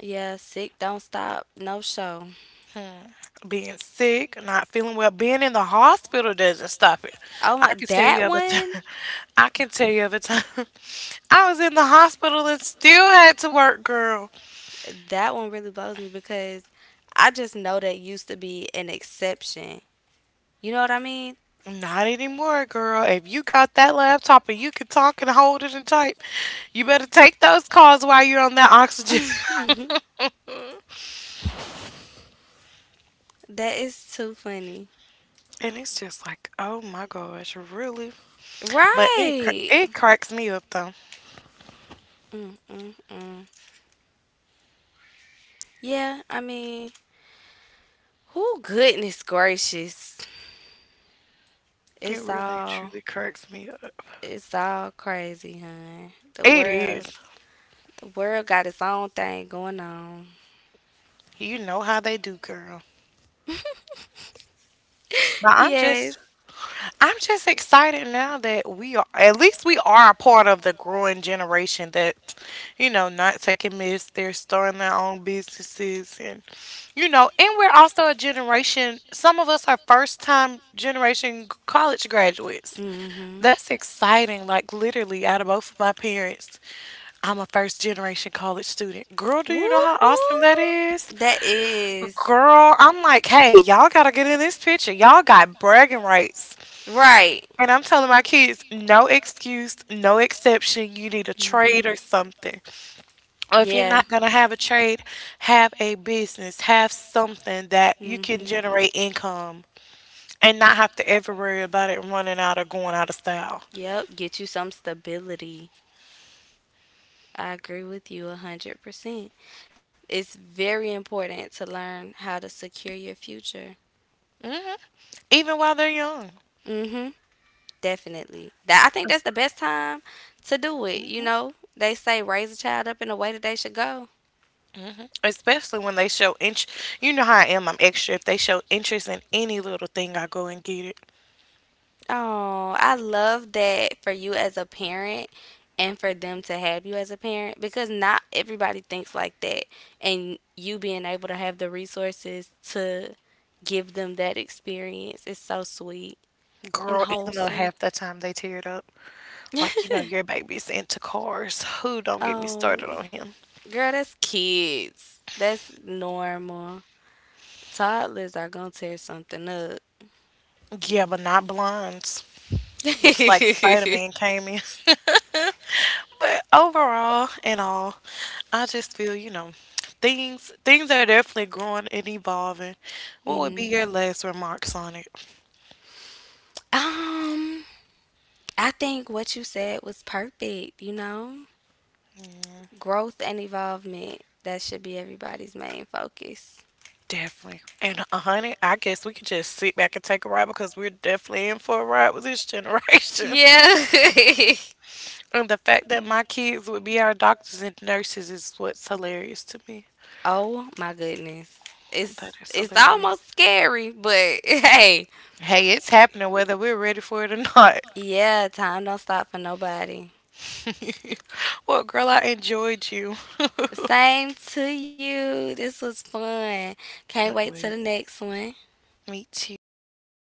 Speaker 2: Yeah, sick, don't stop, no show.
Speaker 1: Being sick, not feeling well, being in the hospital doesn't stop it.
Speaker 2: Oh
Speaker 1: I
Speaker 2: my,
Speaker 1: can tell you other time. I can tell you other time. I was in the hospital and still had to work, girl.
Speaker 2: that one really blows me because I just know that used to be an exception. You know what I mean?
Speaker 1: Not anymore, girl. If you got that laptop and you can talk and hold it and type, you better take those calls while you're on that oxygen.
Speaker 2: That is too funny.
Speaker 1: and it's just like, oh my gosh, really? But
Speaker 2: Right.
Speaker 1: it cracks me up though.
Speaker 2: Mm-mm-mm. Yeah, I mean, who goodness gracious.
Speaker 1: It
Speaker 2: It's
Speaker 1: really and
Speaker 2: all
Speaker 1: truly cracks me up.
Speaker 2: it's all crazy, hun.
Speaker 1: It is.
Speaker 2: The world got its own thing going on.
Speaker 1: You know how they do, girl. But I'm
Speaker 2: Yes.
Speaker 1: just I'm just excited now that we are a part of the growing generation that, you know, not taking myths, they're starting their own businesses, and you know, and we're also a generation, some of us are first time generation college graduates.
Speaker 2: Mm-hmm.
Speaker 1: That's exciting. Like literally out of both of my parents, I'm a first generation college student. Girl, do you know
Speaker 2: Whoop
Speaker 1: how awesome that is?
Speaker 2: whoop. That is
Speaker 1: Girl, I'm like, hey, y'all gotta get in this picture. Y'all got bragging rights.
Speaker 2: right.
Speaker 1: And I'm telling my kids, no excuse, no exception. You need a trade
Speaker 2: Hmm.
Speaker 1: or something. Or if you're
Speaker 2: Yeah.
Speaker 1: not going to have a trade, have a business, have something that you can
Speaker 2: Hmm.
Speaker 1: generate income and not have to ever worry about it running out or going out of style.
Speaker 2: Yep. Get you some stability. I agree with you 100%. It's very important to learn how to secure your future.
Speaker 1: Hmm Even while they're young.
Speaker 2: Mm-hmm. Definitely. That I think that's the best time to do it. You
Speaker 1: Hmm
Speaker 2: know, they say raise a child up in the way that they should go.
Speaker 1: Especially when they show interest. You know how I am. I'm extra. If they show interest in any little thing, I go and get it.
Speaker 2: Oh, I love that for you as a parent and for them to have you as a parent because not everybody thinks like that. And you being able to have the resources to give them that experience is so sweet and
Speaker 1: Girl, even though
Speaker 2: wholesome.
Speaker 1: half the time they tear it up. Like, you know, your baby's into cars. Who don't get me
Speaker 2: Oh,
Speaker 1: started on him.
Speaker 2: girl, that's kids. That's normal. Toddlers are gonna tear something up.
Speaker 1: Yeah, but not blinds. It looks like Spider Man came in. But overall and all, I just feel, you know, things are definitely growing and evolving. What would
Speaker 2: Hmm.
Speaker 1: be your last remarks on it?
Speaker 2: Um, I think what you said was perfect, you know? Growth and evolvement. That should be everybody's main focus.
Speaker 1: Definitely. And honey, I guess we could just sit back and take a ride because we're definitely in for a ride with this generation.
Speaker 2: Yeah.
Speaker 1: And the fact that my kids would be our doctors and nurses is what's hilarious to me.
Speaker 2: Oh my goodness.
Speaker 1: That is
Speaker 2: It's
Speaker 1: hilarious.
Speaker 2: almost scary, but hey.
Speaker 1: Hey, it's happening whether we're ready for it or not.
Speaker 2: Yeah, time don't stop for nobody.
Speaker 1: Well, girl, I enjoyed you.
Speaker 2: Same to you. This was fun. Can't wait to the
Speaker 1: It.
Speaker 2: next one.
Speaker 1: Me too.